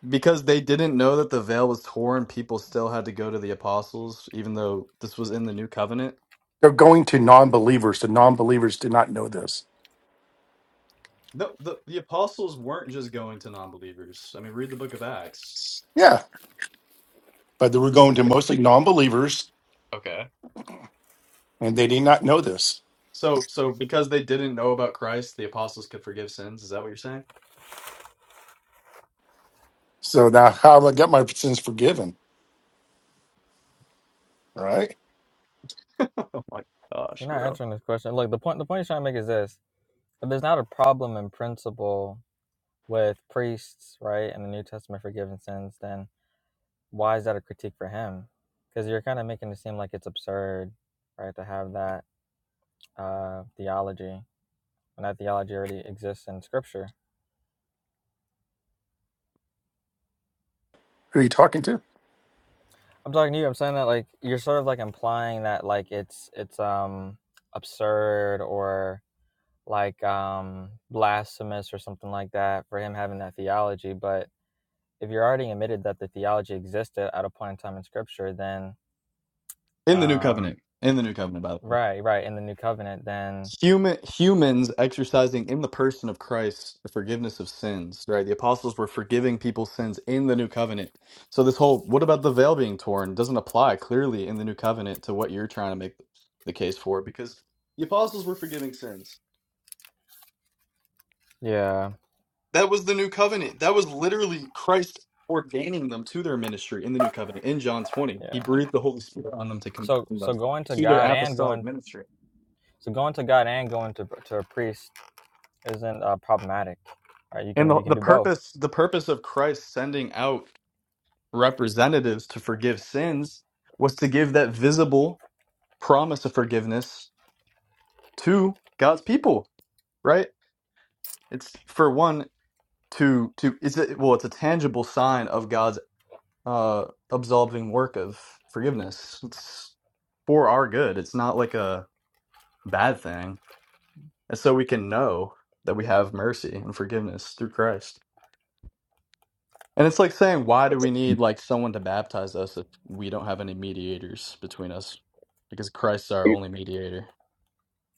S7: Because they didn't know that the veil was torn, people still had to go to the apostles even though this was in the new covenant.
S2: They're going to non-believers. The non-believers did not know this.
S7: The the, the apostles weren't just going to non-believers. I mean, read the book of Acts.
S2: Yeah, but they were going to mostly non-believers,
S7: Okay.
S2: and they did not know this.
S7: So so because they didn't know about Christ, the apostles could forgive sins. Is that what you're saying?
S2: So now, how have I got my sins forgiven? Right?
S7: (laughs) Oh my gosh,
S11: you're not
S7: bro.
S11: answering this question. Look, the point the point he's trying to make is this: if there's not a problem in principle with priests, right, in the New Testament forgiving sins, then why is that a critique for him? Because you're kind of making it seem like it's absurd, right, to have that uh, theology and that theology already exists in Scripture.
S2: Who are you talking to?
S11: I'm talking to you. I'm saying that like you're sort of like implying that like it's it's um absurd or like um blasphemous or something like that for him having that theology, but if you're already admitted that the theology existed at a point in time in scripture then
S7: in the new
S11: um
S7: covenant in the new covenant by the way
S11: right right in the new covenant then
S7: human humans exercising in the person of christ the forgiveness of sins right the apostles were forgiving people's sins in the new covenant so this whole what about the veil being torn doesn't apply clearly in the new covenant to what you're trying to make the case for because the apostles were forgiving sins
S11: yeah
S7: that was the new covenant that was literally christ ordaining them to their ministry in the new covenant in john 20 he
S11: yeah
S7: breathed the holy spirit on them to commission
S11: so
S7: them
S11: so going to
S7: to their
S11: god and
S7: apostolic
S11: going
S7: ministry
S11: so going to god and going to to a priest isn't uh, problematic right you
S7: And
S11: can
S7: the,
S11: you can
S7: the
S11: do both
S7: purpose the purpose of Christ sending out representatives to forgive sins was to give that visible promise of forgiveness to God's people, right? It's for one to to it's a, well it's a tangible sign of God's uh absolving work of forgiveness. It's for our good. It's not like a bad thing. And so we can know that we have mercy and forgiveness through Christ. And it's like saying, why do
S10: But the,
S7: we need like someone to baptize us if we don't have any mediators between us? Because Christ's our
S10: e-
S7: only mediator.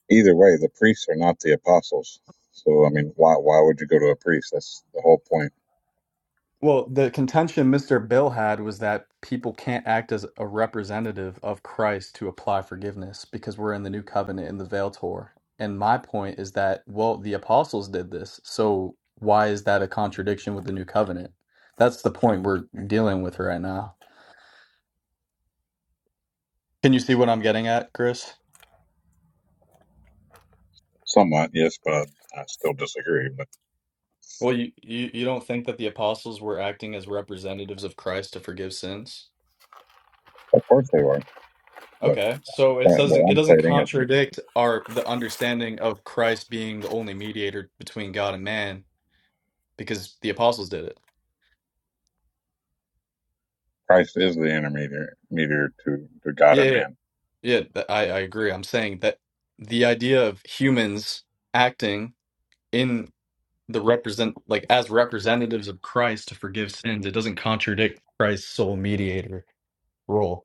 S10: either way, the priests are not the apostles. So, I mean, why, why would you go to a priest? That's the whole point.
S7: Well, the contention Mr. Bill had was that people can't act as a representative of Christ to apply forgiveness because we're in the new covenant in the veil tore. And my point is that, well, the apostles did this. So why is that a contradiction with the new covenant? That's the point we're dealing with right now. Can you see what I'm getting at, Chris?
S10: Somewhat, yes, but I still disagree. But
S7: Well, you, you you don't think that the apostles were acting as representatives of Christ to forgive sins?
S10: of course they were. But
S7: Okay, so it
S10: that-
S7: doesn't
S10: what
S7: it
S10: I'm
S7: doesn't
S10: stating is that
S7: contradict our the understanding of Christ being the only mediator between God and man because the apostles did it.
S10: Christ is the intermediary mediator to, to God
S7: Yeah,
S10: and
S7: yeah,
S10: man.
S7: yeah. th- I I agree. I'm saying that the idea of humans acting in the represent like as representatives of Christ to forgive sins, it doesn't contradict Christ's sole mediator role.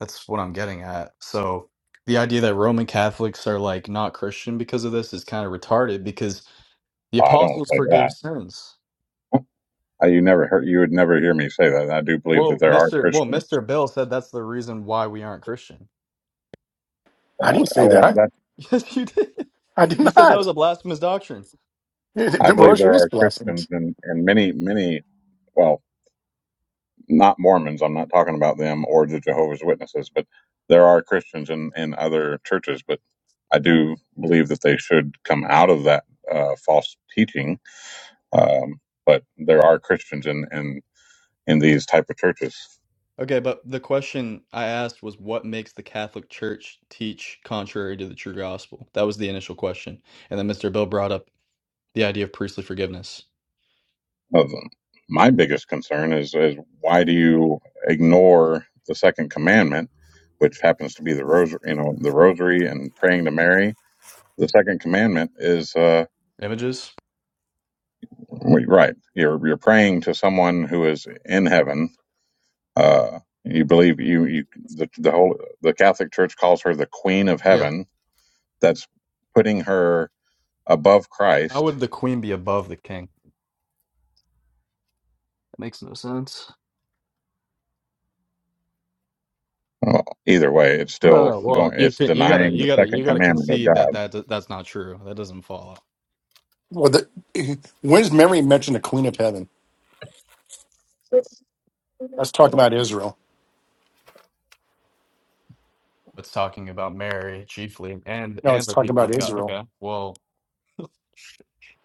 S7: That's what I'm getting at. So the idea that Roman Catholics are like not Christian because of this is kind of retarded because the
S10: I don't
S7: apostles
S10: say that.
S7: forgave sins.
S10: Uh, You never heard, you would never hear me say that. And I do believe that
S7: Well,
S10: there are
S7: Mr. Well,
S10: Christians.
S7: Mr. Bill said that's the reason why we aren't Christian. (laughs)
S2: I
S10: Uh,
S2: didn't
S10: I,
S2: say
S10: well,
S2: that.
S7: Yes, you did.
S2: I did
S7: You said that was
S2: not.
S7: a blasphemous doctrine.
S2: (laughs)
S10: I believe
S2: Divorce
S10: there
S2: is
S10: are
S2: blasphemous.
S10: Christians and, and many, many, well, not Mormons. I'm not talking about them or the Jehovah's Witnesses, but there are Christians in, in other churches. But I do believe that they should come out of that uh, false teaching. Um, but there are Christians in, in, in these type of churches.
S7: Okay, but the question I asked was what makes the Catholic Church teach contrary to the true gospel? That was the initial question. And then Mr. Bill brought up the idea of priestly forgiveness.
S10: Of them. My biggest concern is, is why do you ignore the second commandment, which happens to be the rosary, you know, the rosary and praying to Mary? The second commandment is, uh,
S7: Images?
S10: Right. You're you're praying to someone who is in heaven. Uh, you believe you you the the whole the Catholic Church calls her the Queen of
S7: Yeah.
S10: Heaven. That's putting her above
S7: How
S10: Christ.
S7: would the queen be above the king? That makes no sense.
S10: Well, either way, it's
S7: Okay. No,
S10: still
S7: no. Well,
S10: going.
S7: you
S10: It's
S7: could, you gotta,
S10: denying
S7: you
S10: the
S7: gotta, you
S10: second
S7: gotta
S10: commandment of
S7: concede that
S10: God.
S7: that d- that's not true. That doesn't follow.
S2: Well, the, (laughs) when's Mary mentioned the Queen of Heaven? Let's talk about Israel.
S7: It's talking about Mary chiefly, and
S2: No, it's
S7: and the
S2: talking
S7: people
S2: about
S7: of God.
S2: Israel.
S7: Okay. Well, (laughs)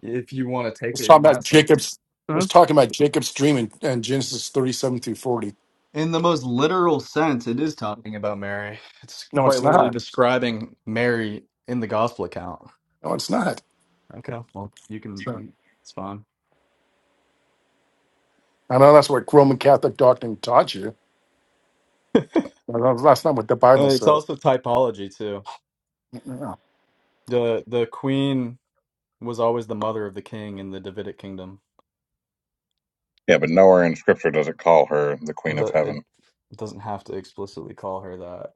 S7: if you want to take
S2: It's
S7: it in
S2: talking about
S7: that sense,
S2: Jacob's. It's
S7: Mhm.
S2: talking about Jacob's dream in, in Genesis thirty-seven through forty.
S7: in the most literal sense, it is talking about Mary. It's
S2: No,
S7: quite
S2: it's
S7: literally
S2: not.
S7: describing Mary in the gospel account.
S2: No, it's not.
S7: Okay. Well, you can.
S2: So,
S7: It's fine.
S2: I know that's what Roman Catholic doctrine taught you. But That's not what the Bible
S7: Uh, it's
S2: says.
S7: also typology too. The the queen was always the mother of the king in the Davidic kingdom.
S10: Yeah, but nowhere in Scripture does it call her the
S7: It,
S10: Queen
S7: do,
S10: of
S7: it
S10: Heaven.
S7: doesn't have to explicitly call her that.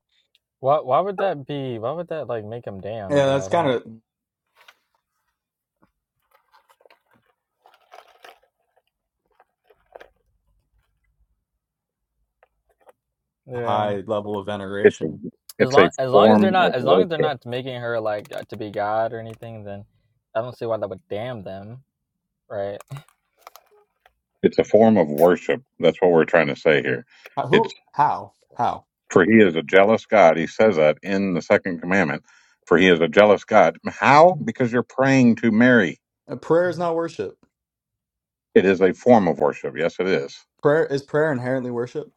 S11: why why would that be why would that like make them damned
S7: Yeah,
S11: though
S7: that's
S11: i
S7: kind
S11: don't
S7: of
S11: yeah
S7: high level of
S10: It's a
S7: veneration.
S11: as
S10: it's a
S11: long as long as they're
S10: form
S11: not
S10: of
S11: as long as they're
S10: worship.
S11: not making her like uh, to be god or anything then i don't see why that would damn them right
S10: It's a form of worship. That's what we're trying to say here.
S7: How,
S10: It's.
S7: who? How? How?
S10: For he is a jealous God. He says that in the second commandment. For he is a jealous God. How? Because you're praying to Mary.
S7: Uh, prayer is not worship.
S10: It is a form of worship. Yes, it is.
S7: Prayer is prayer inherently worship.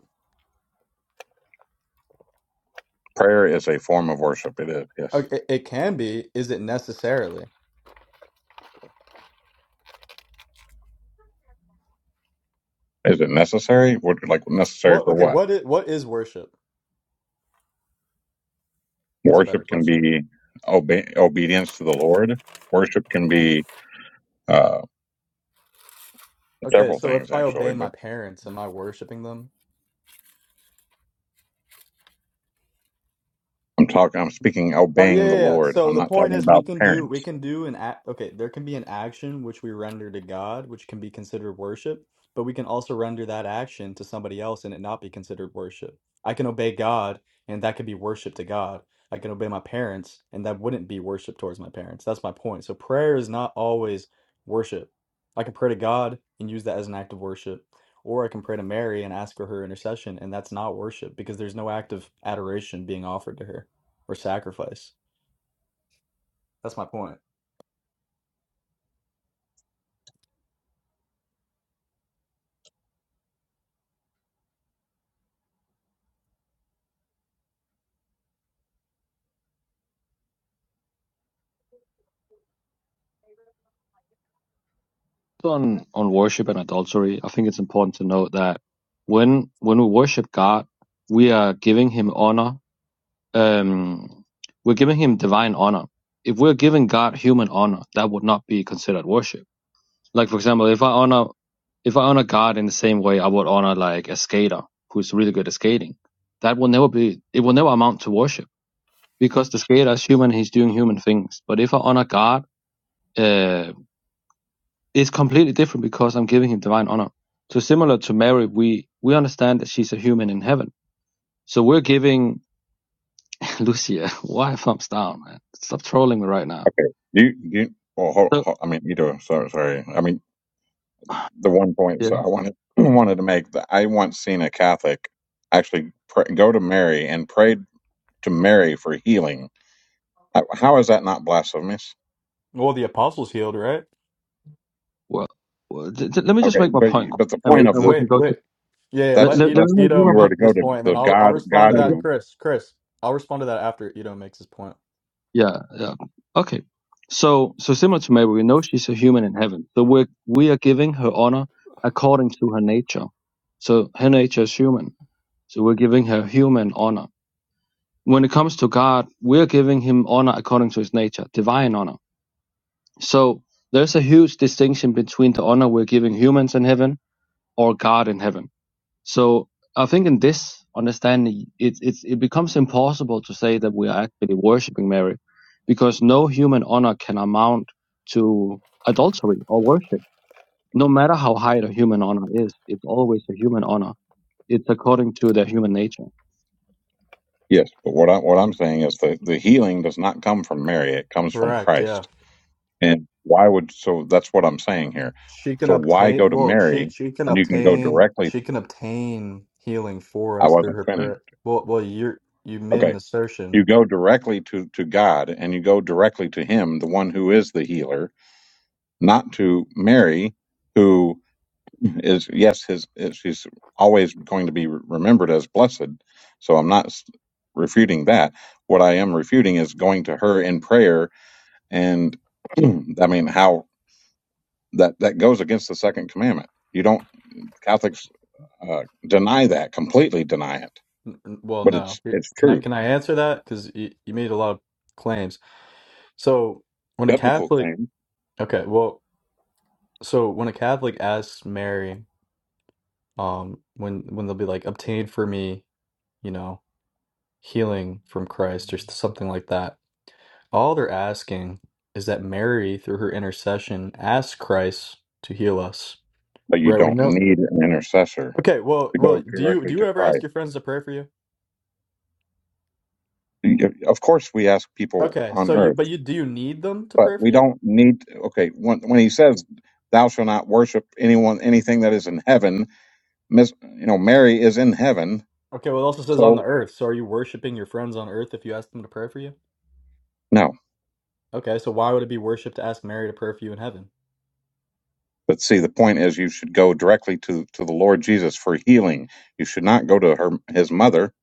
S10: Prayer is a form of worship. It is. Yes.
S7: Okay, it, it can be. Is it necessarily?
S10: Is it necessary? What- Like necessary
S7: What?
S10: for
S7: Okay.
S10: what?
S7: What is what is worship? That's a better
S10: Worship can
S7: question.
S10: be obe- obedience to the Lord. Worship can be uh,
S7: Okay,
S10: several
S7: so if
S10: things
S7: I
S10: actually.
S7: obey my
S10: But
S7: parents, am I worshiping them?
S10: I'm talking. I'm speaking
S7: Oh yeah,
S10: obeying the
S7: yeah, yeah.
S10: Lord.
S7: So
S10: I'm
S7: the
S10: not
S7: point
S10: talking
S7: is, we
S10: about
S7: can do we
S10: parents.
S7: can do an act. Okay, there can be an action which we render to God, which can be considered worship, but we can also render that action to somebody else and it not be considered worship. I can obey God, and that could be worship to God. I can obey my parents, and that wouldn't be worship towards my parents. That's my point. So prayer is not always worship. I can pray to God and use that as an act of worship, or I can pray to Mary and ask for her intercession, and that's not worship because there's no act of adoration being offered to her or sacrifice. That's my point.
S3: On on worship and adultery, I think it's important to note that when when we worship God, we are giving Him honor. Um, we're giving Him divine honor. If we're giving God human honor, that would not be considered worship. Like for example, if I honor if I honor God in the same way I would honor like a skater who's really good at skating, that will never be. It will never amount to worship because the skater is human, he's doing human things. But if I honor God, uh, it's completely different because I'm giving him divine honor. So similar to Mary, we we understand that she's a human in heaven. So we're giving (coughs) (laughs) Lucia. Why thumbs down, man? Stop trolling me right now.
S10: Okay. Do you, do you well, hold,
S3: So
S10: hold, I mean, either. Sorry, sorry. I mean, the one point
S3: yeah,
S10: so I wanted (clears throat) wanted to make that I once seen a Catholic actually pr- go to Mary and prayed to Mary for healing. How, how is that not blasphemous?
S7: Well, the apostles healed, right?
S3: well, well th- th- let me just
S10: Okay,
S3: make my
S10: but
S3: point,
S10: but the
S3: and we,
S10: point
S7: Wait,
S10: of
S3: and we
S10: the
S7: wait,
S3: can go to
S7: wait. Yeah, yeah,
S3: let,
S10: that's
S7: let
S3: let,
S7: I-
S3: let me
S10: that's
S3: make you
S7: Ito
S3: my
S10: you were
S3: point.
S7: make
S10: to go
S7: his
S10: to
S7: point, and
S10: the
S7: then I'll I'll
S10: God
S7: respond to
S10: God
S3: Uh,
S7: that,
S10: who
S7: Chris. Chris, I'll respond to that after Ito makes his point.
S3: Yeah, yeah. Okay. So so similar to Mary, we know she's a human in heaven. So we we are giving her honor according to her nature. So her nature is human. So we're giving her human honor. When it comes to God, we're giving him honor according to his nature, divine honor. So there's a huge distinction between the honor we're giving humans in heaven or God in heaven so I think in this understanding, it, it, it becomes impossible to say that we are actually worshipping Mary because no human honor can amount to adultery or worship. No matter how high the human honor is, it's always a human honor. It's according to their human nature.
S10: yes, but what I what I'm saying is the the healing does not come from Mary; it comes from
S7: Correct. Yeah,
S10: Christ. And why would so that's what I'm saying here.
S7: she can
S10: So why
S7: obtain.
S10: go to
S7: Well, she
S10: Mary
S7: she can
S10: when you can go
S7: obtain.
S10: directly?
S7: She can obtain healing for
S10: I
S7: us through
S10: wasn't
S7: her
S10: finished.
S7: prayer. Well, well, you you made
S10: Okay,
S7: an assertion.
S10: You go directly to, to God and you go directly to Him, the one who is the healer, not to Mary, who is, yes, his, is, she's always going to be remembered as blessed. So I'm not s- refuting that. What I am refuting is going to her in prayer. And (clears throat) I mean, how that, that goes against the second commandment. You don't, Catholics uh, deny that, completely deny it.
S7: N- n- Well,
S10: But
S7: no.
S10: it's,
S7: Here-
S10: it's
S7: Can I
S10: true.
S7: can I answer that? Because you, you made a lot of claims. So when a
S10: Biblical
S7: Catholic,
S10: claim,
S7: okay, well, so when a Catholic asks Mary. um when when they'll be like obtain for me you know healing from christ or something like that all they're asking is that mary through her intercession ask christ to heal us
S10: but you
S7: right we
S10: don't
S7: know
S10: need an intercessor
S7: okay well
S10: to
S7: well
S10: go
S7: do you do
S10: directly
S7: you
S10: to
S7: ever ask
S10: Christ.
S7: your friends to pray for you
S10: Of course, we ask people
S7: okay so
S10: on
S7: you
S10: earth,
S7: but you do you need them to
S10: but
S7: pray for
S10: we
S7: you
S10: don't need. Okay, when, when he says, "Thou shalt not worship anyone, anything that is in heaven," Miss, you know, Mary is in heaven,
S7: okay well it also says on the
S10: so
S7: earth so are you worshiping your friends on earth if you ask them to pray for you
S10: no.
S7: okay so why would it be worship to ask mary to pray for you in heaven
S10: But see, the point is, you should go directly to to the Lord Jesus for healing. You should not go to her his mother.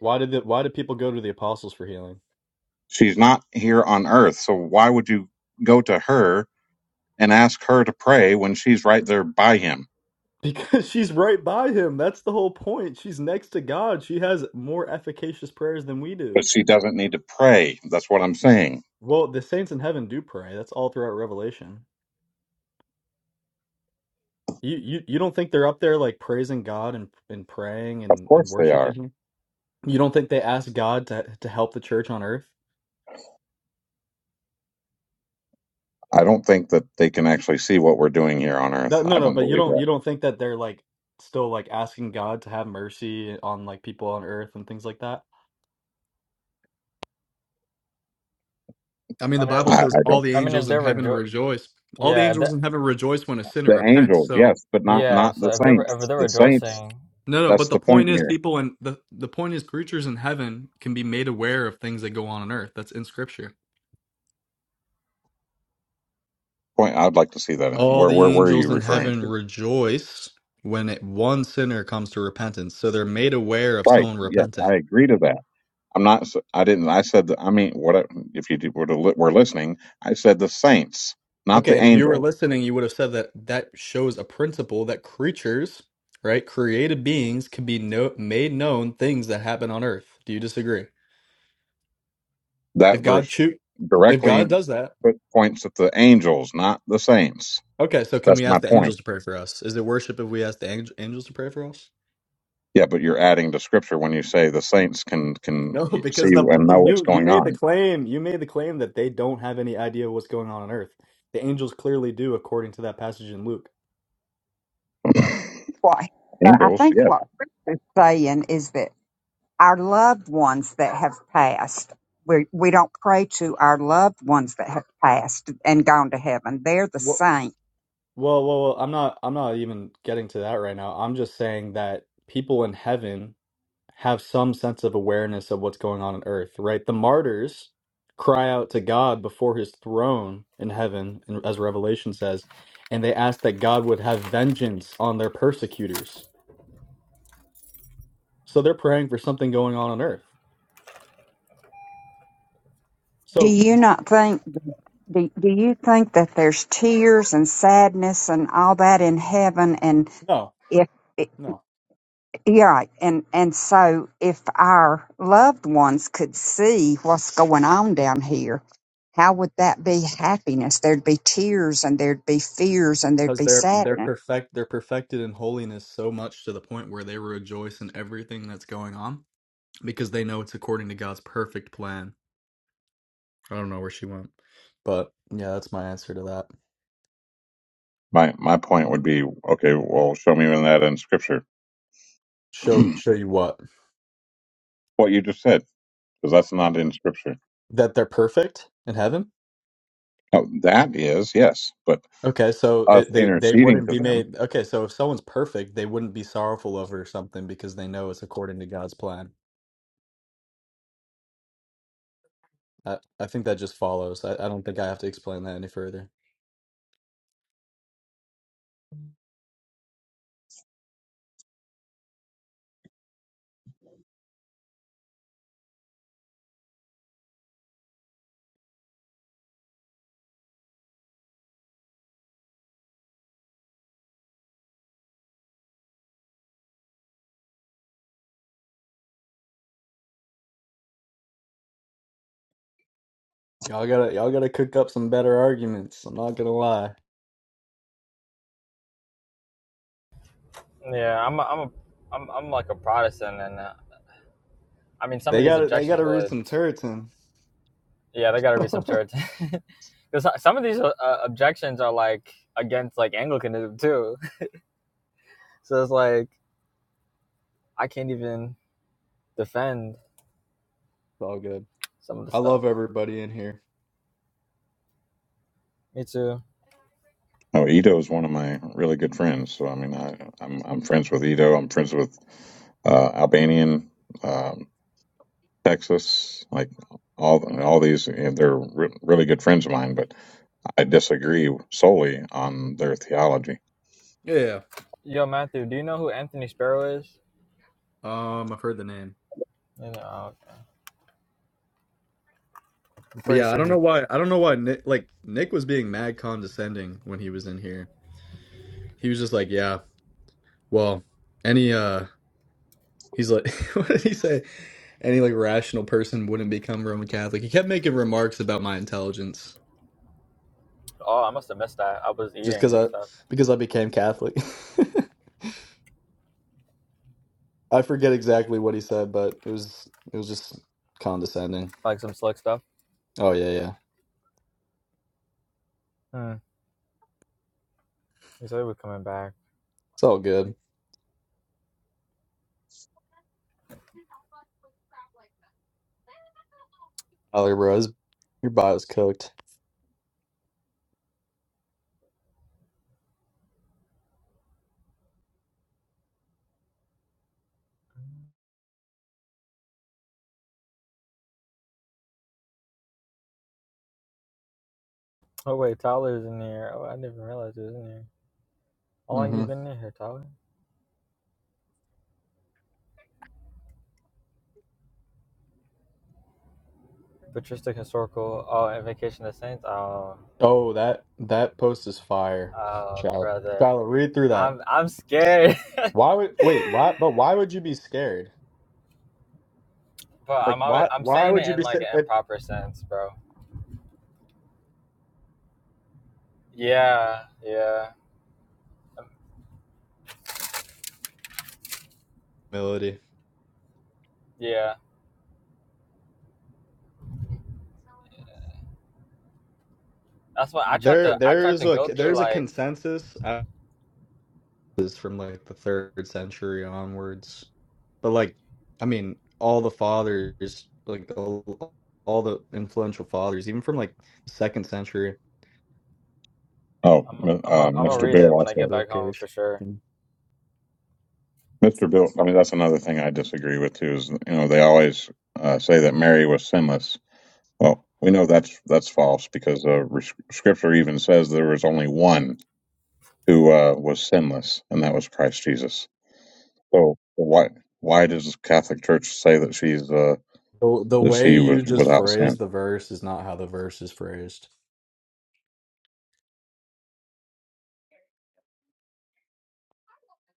S7: why did the, why did people go to the apostles for healing
S10: She's not here on earth, so why would you go to her and ask her to pray when she's right there by him?
S7: Because she's right by him. That's the whole point. She's next to God. She has more efficacious prayers than we
S10: But
S7: do.
S10: she doesn't need to pray. That's what I'm saying
S7: Well, the saints in heaven do pray. That's all throughout Revelation. You you, you don't think they're up there like praising God and, and praying
S10: Of
S7: and, and
S10: course they
S7: worshiping
S10: are.
S7: him? You don't think they ask God to to help the church on earth?
S10: I don't think that they can actually see what we're doing here on earth.
S7: No, no,
S10: I
S7: no,
S10: don't
S7: but you
S10: believe
S7: don't
S10: that.
S7: you don't think that they're like still like asking God to have mercy on like people on earth and things like that? I mean, the
S11: I mean,
S7: Bible
S11: if,
S10: I,
S7: says
S10: I
S7: all
S10: don't.
S7: the
S11: I mean,
S7: angels
S11: if
S7: in
S11: they're
S7: heaven
S11: rejo-
S7: rejoice. All the
S11: Yeah, if
S7: angels
S11: that,
S7: in heaven rejoice when a sinner
S10: The
S7: repents.
S10: angels,
S7: So
S10: yes, but not
S11: yeah.
S10: not
S11: So
S10: the
S11: if they're if
S10: saints.
S11: they're
S10: The saints.
S11: rejoicing,
S7: No, no, but
S10: That's
S7: the
S10: the point
S7: point is
S10: here.
S7: people and the the point is creatures in heaven can be made aware of things that go on on earth. That's in scripture.
S10: Point. I'd like to see that. In,
S7: All
S10: where
S7: the
S10: where where are
S7: angels
S10: you
S7: in
S10: referring
S7: heaven
S10: to?
S7: rejoice when it, one sinner comes to repentance. So they're made aware of
S10: Right.
S7: someone
S10: Yes, I
S7: repenting.
S10: agree to that. I'm not. s- I didn't. I said. that- I mean, what I- if you did- were to li- were listening? I said the saints, not
S7: Okay,
S10: the
S7: and if you were
S10: angel.
S7: listening, you would have said that that shows a principle that creatures, right, created beings can be no, made known things that happen on earth. Do you disagree? If
S10: That
S7: God
S10: verse
S7: choo- if God
S10: directly
S7: does that,
S10: put, points at the angels, not the saints.
S7: Okay, so can
S10: That's
S7: we
S10: my
S7: ask the
S10: point.
S7: angels to pray for us? Is it worship if we ask the angel, angels to pray for us?
S10: Yeah, but you're adding to scripture when you say the saints can can
S7: No, (laughs)
S10: he- see
S7: because the
S10: and know what's
S7: you you
S10: going
S7: made the
S10: on.
S7: claim. You made the claim that they don't have any idea what's going on on Earth. The angels clearly do, according to that passage in Luke.
S10: (laughs)
S8: What, but I
S10: Angels,
S8: think
S10: yeah.
S8: what Chris is saying is that our loved ones that have passed, we, we don't pray to our loved ones that have passed and gone to heaven. They're the
S7: Well,
S8: saints.
S7: well, well, well, I'm not. I'm not even getting to that right now. I'm just saying that people in heaven have some sense of awareness of what's going on on earth, right? The martyrs cry out to God before his throne in heaven, and as Revelation says, and they ask that God would have vengeance on their persecutors. So they're praying for something going on on earth.
S8: Do
S7: So
S8: you not think, do, do you think that there's tears and sadness and all that in heaven? And
S7: no,
S8: if,
S7: no,
S8: Yeah, right. and and so if our loved ones could see what's going on down here, how would that be happiness? There'd be tears, and there'd be fears, and there'd
S7: because
S8: be
S7: they're they're
S8: sadness.
S7: perfect, they're perfected in holiness so much to the point where they rejoice in everything that's going on because they know it's according to God's perfect plan. I don't know where she went, but yeah, that's my answer to that.
S10: My my point would be okay. Well, show me in that in scripture (clears throat)
S7: Show
S10: what
S7: show you what?
S10: you just said, because that's not in scripture.
S7: That they're perfect in heaven?
S10: Oh, that is yes, but
S7: Okay, so
S10: us
S7: it, they they
S10: interceding
S7: wouldn't
S10: to
S7: be
S10: them.
S7: made. Okay, so if someone's perfect, they wouldn't be sorrowful over something because they know it's according to God's plan. I, I think that just follows. I, I don't think I have to explain that any further. Y'all gotta y'all gotta cook up some better arguments. I'm not gonna lie.
S11: yeah, I'm a, I'm a I'm I'm like a Protestant, and uh, I mean some
S7: They
S11: of these
S7: gotta they
S11: objections
S7: gotta read
S11: would,
S7: some turrets in.
S11: yeah, they got to be some
S7: (laughs)
S11: church, (laughs) because some of these uh, objections are like against like Anglicanism too. (laughs) So it's like I can't even defend
S7: It's all good.
S11: some of the
S7: I
S11: stuff.
S7: love everybody in here.
S11: Me too.
S10: Oh, Ito is one of my really good friends. So I mean, I, I'm I'm friends with Ito. I'm friends with uh, Albanian, um, Texas, like all all these. You know, they're re- really good friends of mine, but. I disagree solely on their theology.
S7: Yeah.
S11: Yo, Matthew, do you know who Anthony Sparrow is?
S7: Um, I've heard the name.
S11: You know, oh, okay. I'm
S7: But
S11: pretty
S7: yeah, I
S11: sure
S7: don't
S11: he.
S7: know why. I don't know why Nick, like Nick was being mad condescending when he was in here. He was just like, "Yeah, well, any uh, he's like, (laughs) what did he say? Any like rational person wouldn't become Roman Catholic." He kept making remarks about my intelligence
S11: Oh, I must have missed that. I was
S7: just
S11: eating
S7: because
S11: and
S7: I
S11: stuff,
S7: because I became Catholic. (laughs) I forget exactly what he said, but it was it was just condescending.
S11: like some slick stuff.
S7: Oh yeah, yeah,
S11: Hmm. He said he was coming back.
S7: it's all good. Tyler, bro, his- your bio's cooked.
S11: Oh wait, Tyler's in here. Oh, I didn't even realize he was in here. How long
S7: Mm-hmm.
S11: you been in here, Tyler? Patristic historical. Oh, and vacation of the saints. Oh,
S7: Oh, that that post is fire,
S11: oh,
S7: Shiloh.
S11: brother,
S7: Shiloh, read through that.
S11: I'm I'm scared.
S7: Why would
S11: (laughs)
S7: wait? Why? But
S11: but
S7: why would you be scared? Like
S11: I'm always,
S7: why?
S11: I'm
S7: Why
S11: saying
S7: would you
S11: it in
S7: be
S11: like
S7: scared?
S11: an improper sense, bro. Yeah, yeah, um,
S7: Humility.
S11: yeah. That's why I tried
S7: There,
S11: to I
S7: there
S11: tried
S7: is
S11: to
S7: a
S11: go through
S7: there's a
S11: like
S7: consensus uh, is from like the third century onwards, but like I mean, all the fathers, like all, all the influential fathers, even from like second century,
S10: Oh,
S11: I'm
S10: m-
S11: I'm a,
S10: uh,
S11: I'm gonna
S10: Mr.
S11: read
S7: and
S11: it
S10: Bill
S11: when I
S10: also.
S11: get back home
S7: vocation.
S11: for sure.
S10: Mr. Bill, I mean, that's another thing I disagree with too. Is you know they always uh, say that Mary was sinless. Well, we know that's that's false because uh, re- Scripture even says there was only one who uh, was sinless, and that was Christ Jesus. So why why does the Catholic Church say that she's uh,
S7: The the
S10: that
S7: way
S10: she was
S7: you just
S10: without sin?
S7: phrased the verse is not how the verse is phrased.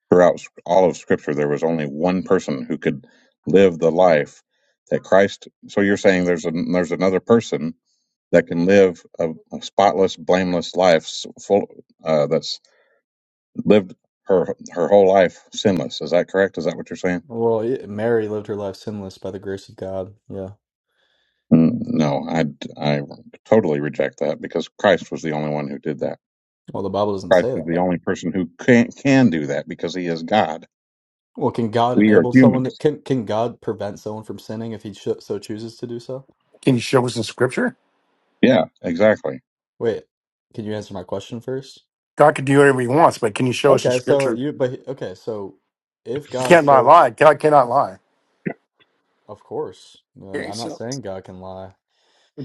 S10: Throughout all of Scripture, there was only one person who could live the life that Christ. So you're saying there's a, there's another person that can live a, a spotless, blameless life, s- full uh, that's lived her her whole life sinless. Is that correct? Is that what you're saying?
S7: Well, yeah, Mary lived her life sinless by the grace of God. Yeah.
S10: Mm, No, I I totally reject that because Christ was the only one who did that.
S7: Well, the Bible doesn't
S10: Christ
S7: say
S10: is the
S7: that.
S10: only person who can can do that because he is God.
S7: Well, can God
S10: We are
S7: enable someone? To,
S10: humans.
S7: can can God prevent someone from sinning if he cho- so chooses to do so?
S2: Can you show us in scripture?
S10: Yeah, exactly.
S7: Wait, can you answer my question first?
S2: God can do whatever he wants, but can you show us in
S7: Okay, so
S2: scripture?
S7: you but okay, so if
S2: You
S7: God
S2: can't lie,
S7: so,
S2: lie. God cannot lie.
S7: of course, I'm
S2: Okay,
S7: I'm not
S2: so
S7: saying God can lie.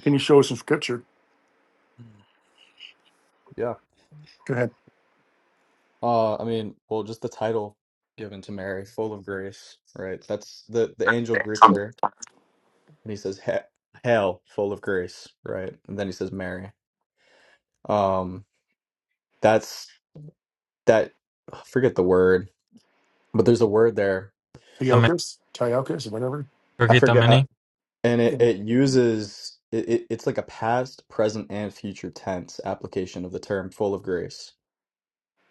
S2: can you show us in scripture? Go ahead.
S7: Uh, I mean, well, just the title given to Mary, full of grace, right? That's the the angel greets her and he says, he "Hail, full of grace," right? And then he says, "Mary." Um, that's that. I forget the word, but there's a word there.
S11: I mean,
S2: Teokas, Teokas, whatever.
S7: I
S11: cookie
S7: forget how,
S11: mini
S7: and
S2: Yeah.
S7: it it uses it, it. It's like a past, present, and future tense application of the term "full of grace,"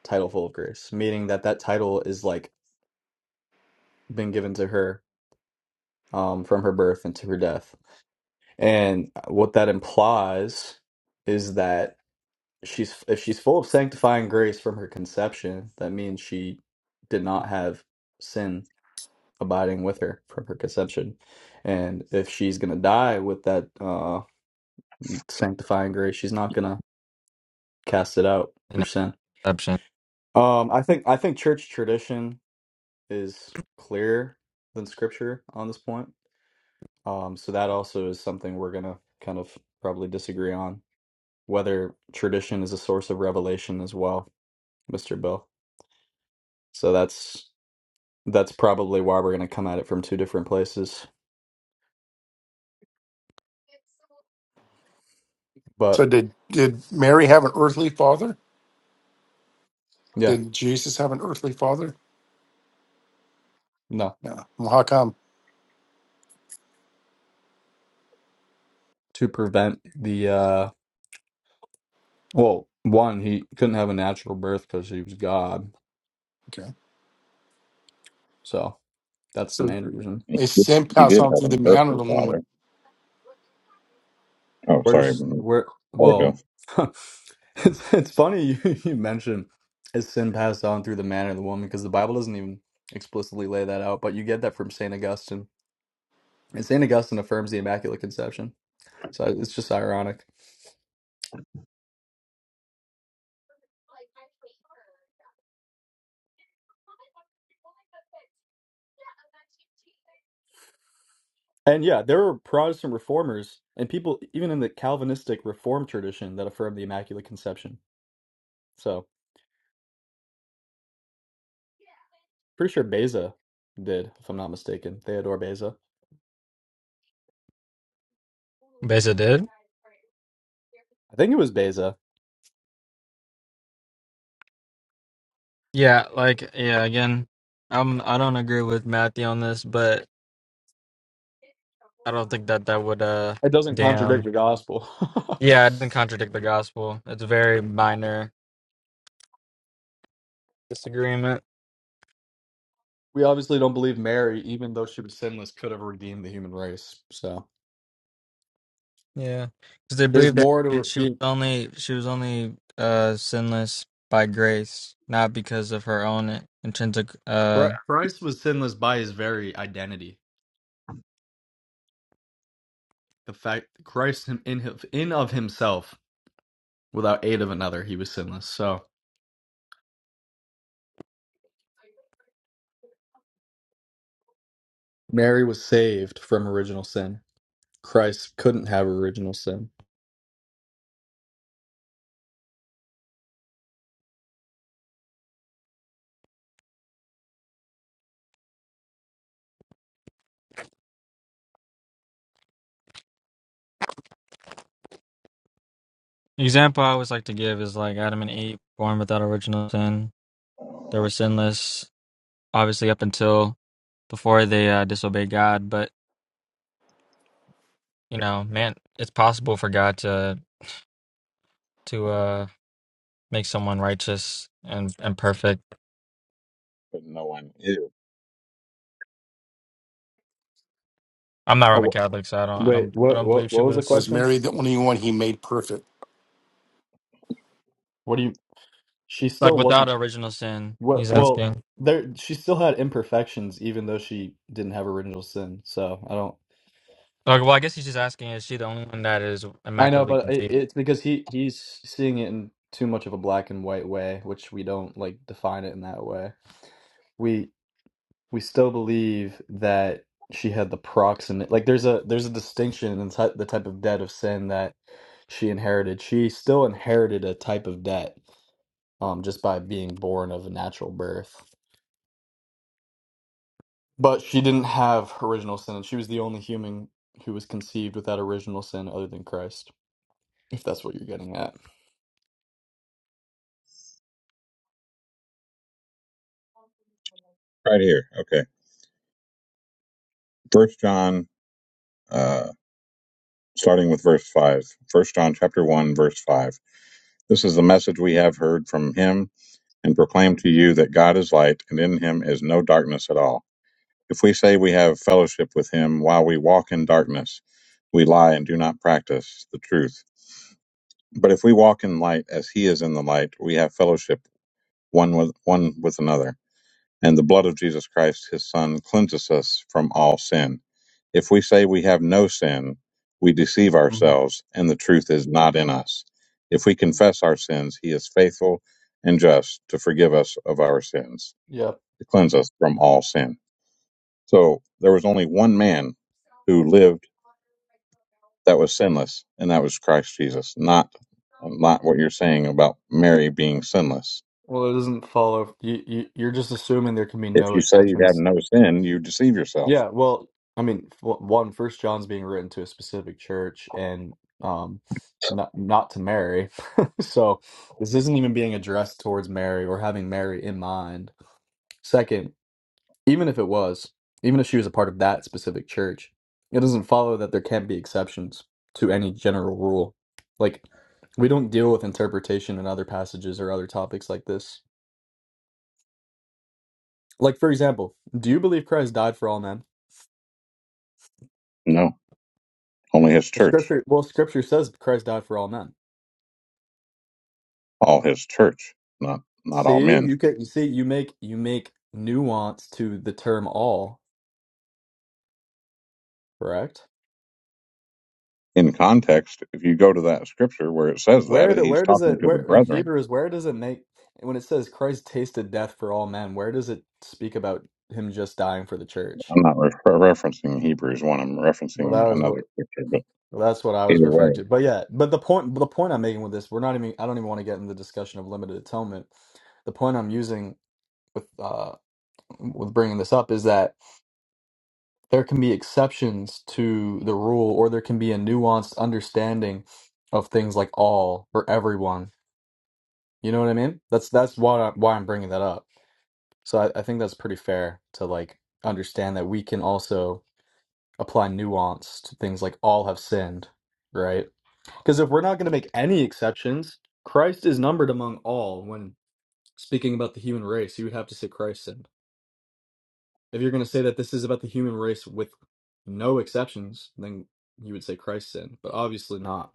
S7: title "full of grace," meaning that that title is like been given to her um from her birth and to her death And what that implies is that she's if she's full of sanctifying grace from her conception, that means she did not have sin abiding with her from her conception. And if she's going to die with that uh sanctifying grace, she's not going to cast it out through
S11: an
S7: sin.
S11: exception.
S7: Um I think I think church tradition is clearer than scripture on this point. Um so that also is something we're going to kind of probably disagree on whether tradition is a source of revelation as well, Mr. Bill. So that's that's probably why we're going to come at it from two different places. But
S2: So did did Mary have an earthly father?
S7: yeah,
S2: Did Jesus have an earthly father?
S7: no,
S2: No. Well, how come?
S7: to prevent the uh well, one he couldn't have a natural birth because he was God,
S2: Okay.
S7: so that's the
S2: So
S7: main reason.
S10: He
S2: his
S10: did
S2: sin
S10: he
S2: passed
S10: did
S2: on
S10: have
S2: through
S10: an
S2: the man of
S10: earthly
S2: the
S10: father.
S2: woman.
S10: Oh,
S7: Where
S10: sorry,
S7: does where
S10: sorry,
S7: well,
S10: Bill.
S7: (laughs) it's it's funny you, (laughs) you mentioned is sin passed on through the man or the woman because the Bible doesn't even explicitly lay that out, but you get that from Saint Augustine And St. Augustine affirms the Immaculate Conception. So it's just ironic. And yeah, there were Protestant reformers and people even in the Calvinistic Reformed tradition that affirmed the Immaculate Conception. So pretty sure Beza did, if I'm not mistaken. Theodore Beza.
S11: Beza did.
S7: I think it was Beza.
S11: Yeah, like yeah, again, I'm I don't agree with Matthew on this, but I don't think that that would uh
S7: It doesn't contradict
S11: damn.
S7: the gospel.
S11: Yeah, it didn't contradict the gospel. It's a very minor disagreement.
S7: (laughs) we obviously don't believe Mary, even though she was sinless, could have redeemed the human race. So
S11: Yeah. Cuz they
S7: there's
S11: believe that
S7: more to
S11: she she was
S7: redeem.
S11: only she was only uh sinless by grace, not because of her own intrinsic uh
S7: Christ was sinless by his very identity. The fact Christ in in in of himself Without aid of another, he was sinless. So Mary was saved from original sin. Christ couldn't have original sin.
S11: example I always like to give is like Adam and Eve born without original sin. They were sinless obviously up until before they uh, disobeyed God, but you know, man, it's possible for God to to uh make someone righteous and and perfect.
S10: But no one is
S11: I'm not Roman
S7: Oh
S11: Catholic, so I don't I
S7: wait,
S11: don't I
S7: what
S11: don't
S7: what
S11: believe she
S7: what was the
S11: was
S2: Was
S7: question?
S2: Mary the only one he made perfect?
S7: What do you? She
S11: like
S7: still
S11: without
S7: wasn't.
S11: original sin.
S7: What?
S11: He's
S7: Well,
S11: asking.
S7: there she still had imperfections, even though she didn't have original sin. So I don't.
S11: Like, well, I guess he's just asking, is she the only one that is
S7: I know,
S11: immaculately
S7: but it,
S11: conceived?
S7: it's because he he's seeing it in too much of a black and white way, which we don't like define it in that way. We. we still believe that she had the proximate like there's a there's a distinction in ty- the type of debt of sin that she inherited she still inherited a type of debt um just by being born of a natural birth but she didn't have original sin and she was the only human who was conceived without original sin other than christ if that's what you're getting at
S10: right here. Okay, First John, uh, starting with verse five. First John chapter one, verse five. This is the message we have heard from him and proclaim to you that God is light, and in him is no darkness at all. If we say we have fellowship with him while we walk in darkness, we lie and do not practice the truth. But if we walk in light as he is in the light, we have fellowship one with one with another and the blood of Jesus Christ, his Son, cleanses us from all sin. If we say we have no sin, we deceive
S7: hmm
S10: ourselves, and the truth is not in us. If we confess our sins, he is faithful and just to forgive us of our sins,
S7: yeah
S10: to cleanse us from all sin. So there was only one man who lived that was sinless, and that was Christ Jesus, not not what you're saying about Mary being sinless.
S7: well it doesn't follow you, you you're just assuming there can be
S10: If
S7: no
S10: you say you
S7: exceptions
S10: have no sin, you deceive yourself
S7: Yeah, well, I mean, f- one, First John's being written to a specific church, and um, not not to Mary. (laughs) So this isn't even being addressed towards Mary or having Mary in mind. Second, even if it was, even if she was a part of that specific church, it doesn't follow that there can't be exceptions to any general rule. Like, we don't deal with interpretation in other passages or other topics like this. Like, for example, do you believe Christ died for all men?
S10: No, only his
S7: Well,
S10: church,
S7: scripture, well, scripture says Christ died for all men.
S10: all his church, not not all
S7: See,
S10: men.
S7: you can see you make you make nuance to the term all, correct?
S10: In context, if you go to that scripture where it says that,
S7: Where do
S10: he's
S7: where does
S10: talking
S7: it
S10: to the
S7: where in
S10: brethren.
S7: Hebrews where does it make when it says Christ tasted death for all men, where does it speak about him just dying for the church?
S10: I'm not re- referencing Hebrews one. I'm
S7: Well, that
S10: referencing
S7: was what
S10: another scripture. But
S7: well, that's what I was
S10: either
S7: referring
S10: way,
S7: to. But yeah, but the point the point I'm making with this, we're not even I don't even want to get in the discussion of limited atonement. The point I'm using with uh with bringing this up is that there can be exceptions to the rule or there can be a nuanced understanding of things like all for everyone you know what i mean that's that's why I, why i'm bringing that up so I, I think that's pretty fair to like understand that we can also apply nuance to things like all have sinned right because if we're not going to make any exceptions christ is numbered among all when speaking about the human race you would have to say christ sinned If you're going to say that this is about the human race with no exceptions, then you would say Christ's sin, but obviously not,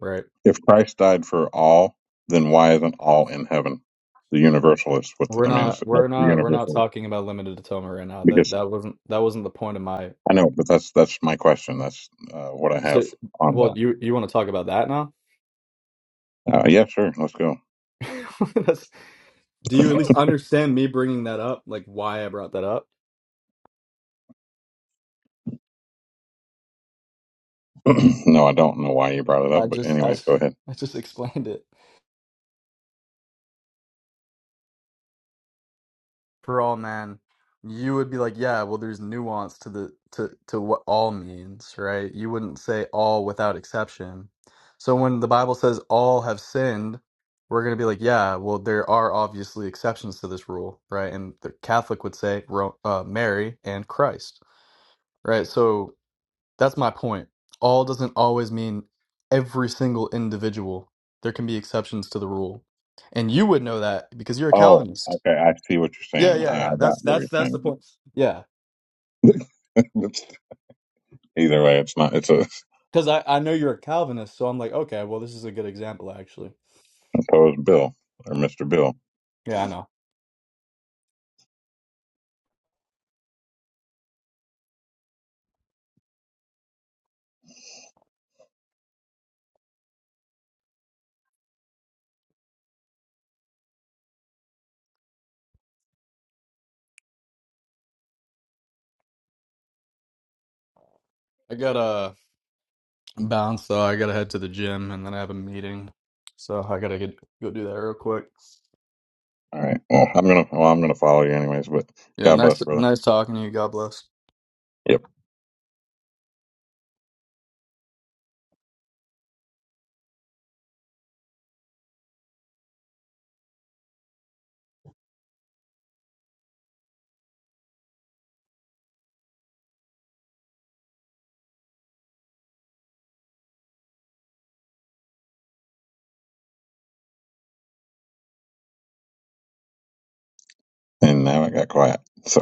S7: right?
S10: if Christ died for all, then why isn't all in heaven? The universalist with,
S7: We're
S10: I mean, it's,
S7: not, we're
S10: that's the
S7: not, we're not
S10: universalist
S7: talking about limited atonement right now. That that wasn't that wasn't the point of my.
S10: I know, but that's that's my question. That's uh, what I
S7: So,
S10: have on
S7: well,
S10: that.
S7: you you want to talk about that now?
S10: Uh, yeah, sure. Let's go.
S7: (laughs) That's, do you at least understand me bringing that up? Like why I brought that up?
S10: (clears throat) no, I don't know why you brought it
S7: I
S10: up, but
S7: just I
S10: anyways, go ahead.
S7: (laughs) I just explained it. for all men you would be like yeah well there's nuance to the to to what all means right you wouldn't say all without exception so when the bible says all have sinned we're going to be like yeah well there are obviously exceptions to this rule right and the catholic would say Ro- uh, mary and christ right so that's my point all doesn't always mean every single individual there can be exceptions to the rule and you would know that because you're a
S10: Oh,
S7: calvinist
S10: okay. I see what you're
S7: yeah,
S10: saying.
S7: yeah,
S10: I,
S7: yeah.
S10: I got
S7: That's
S10: what
S7: that's
S10: you're
S7: that's the
S10: saying.
S7: point. Yeah,
S10: (laughs) It's- Either way, it's not. It's a
S7: because I I know you're a Calvinist, so I'm like, okay, well, this is a good example, actually.
S10: opposed bill or Mr. Bill.
S7: Yeah, I know. I gotta bounce though. I gotta head to the gym, and then I have a meeting, so I gotta get go do that real quick.
S10: All right. Well, I'm gonna. Well, I'm gonna follow you anyways. But
S7: Yeah,
S10: God bless,
S7: nice
S10: brother.
S7: nice talking to you. God bless.
S10: Yep. And now I got quiet. so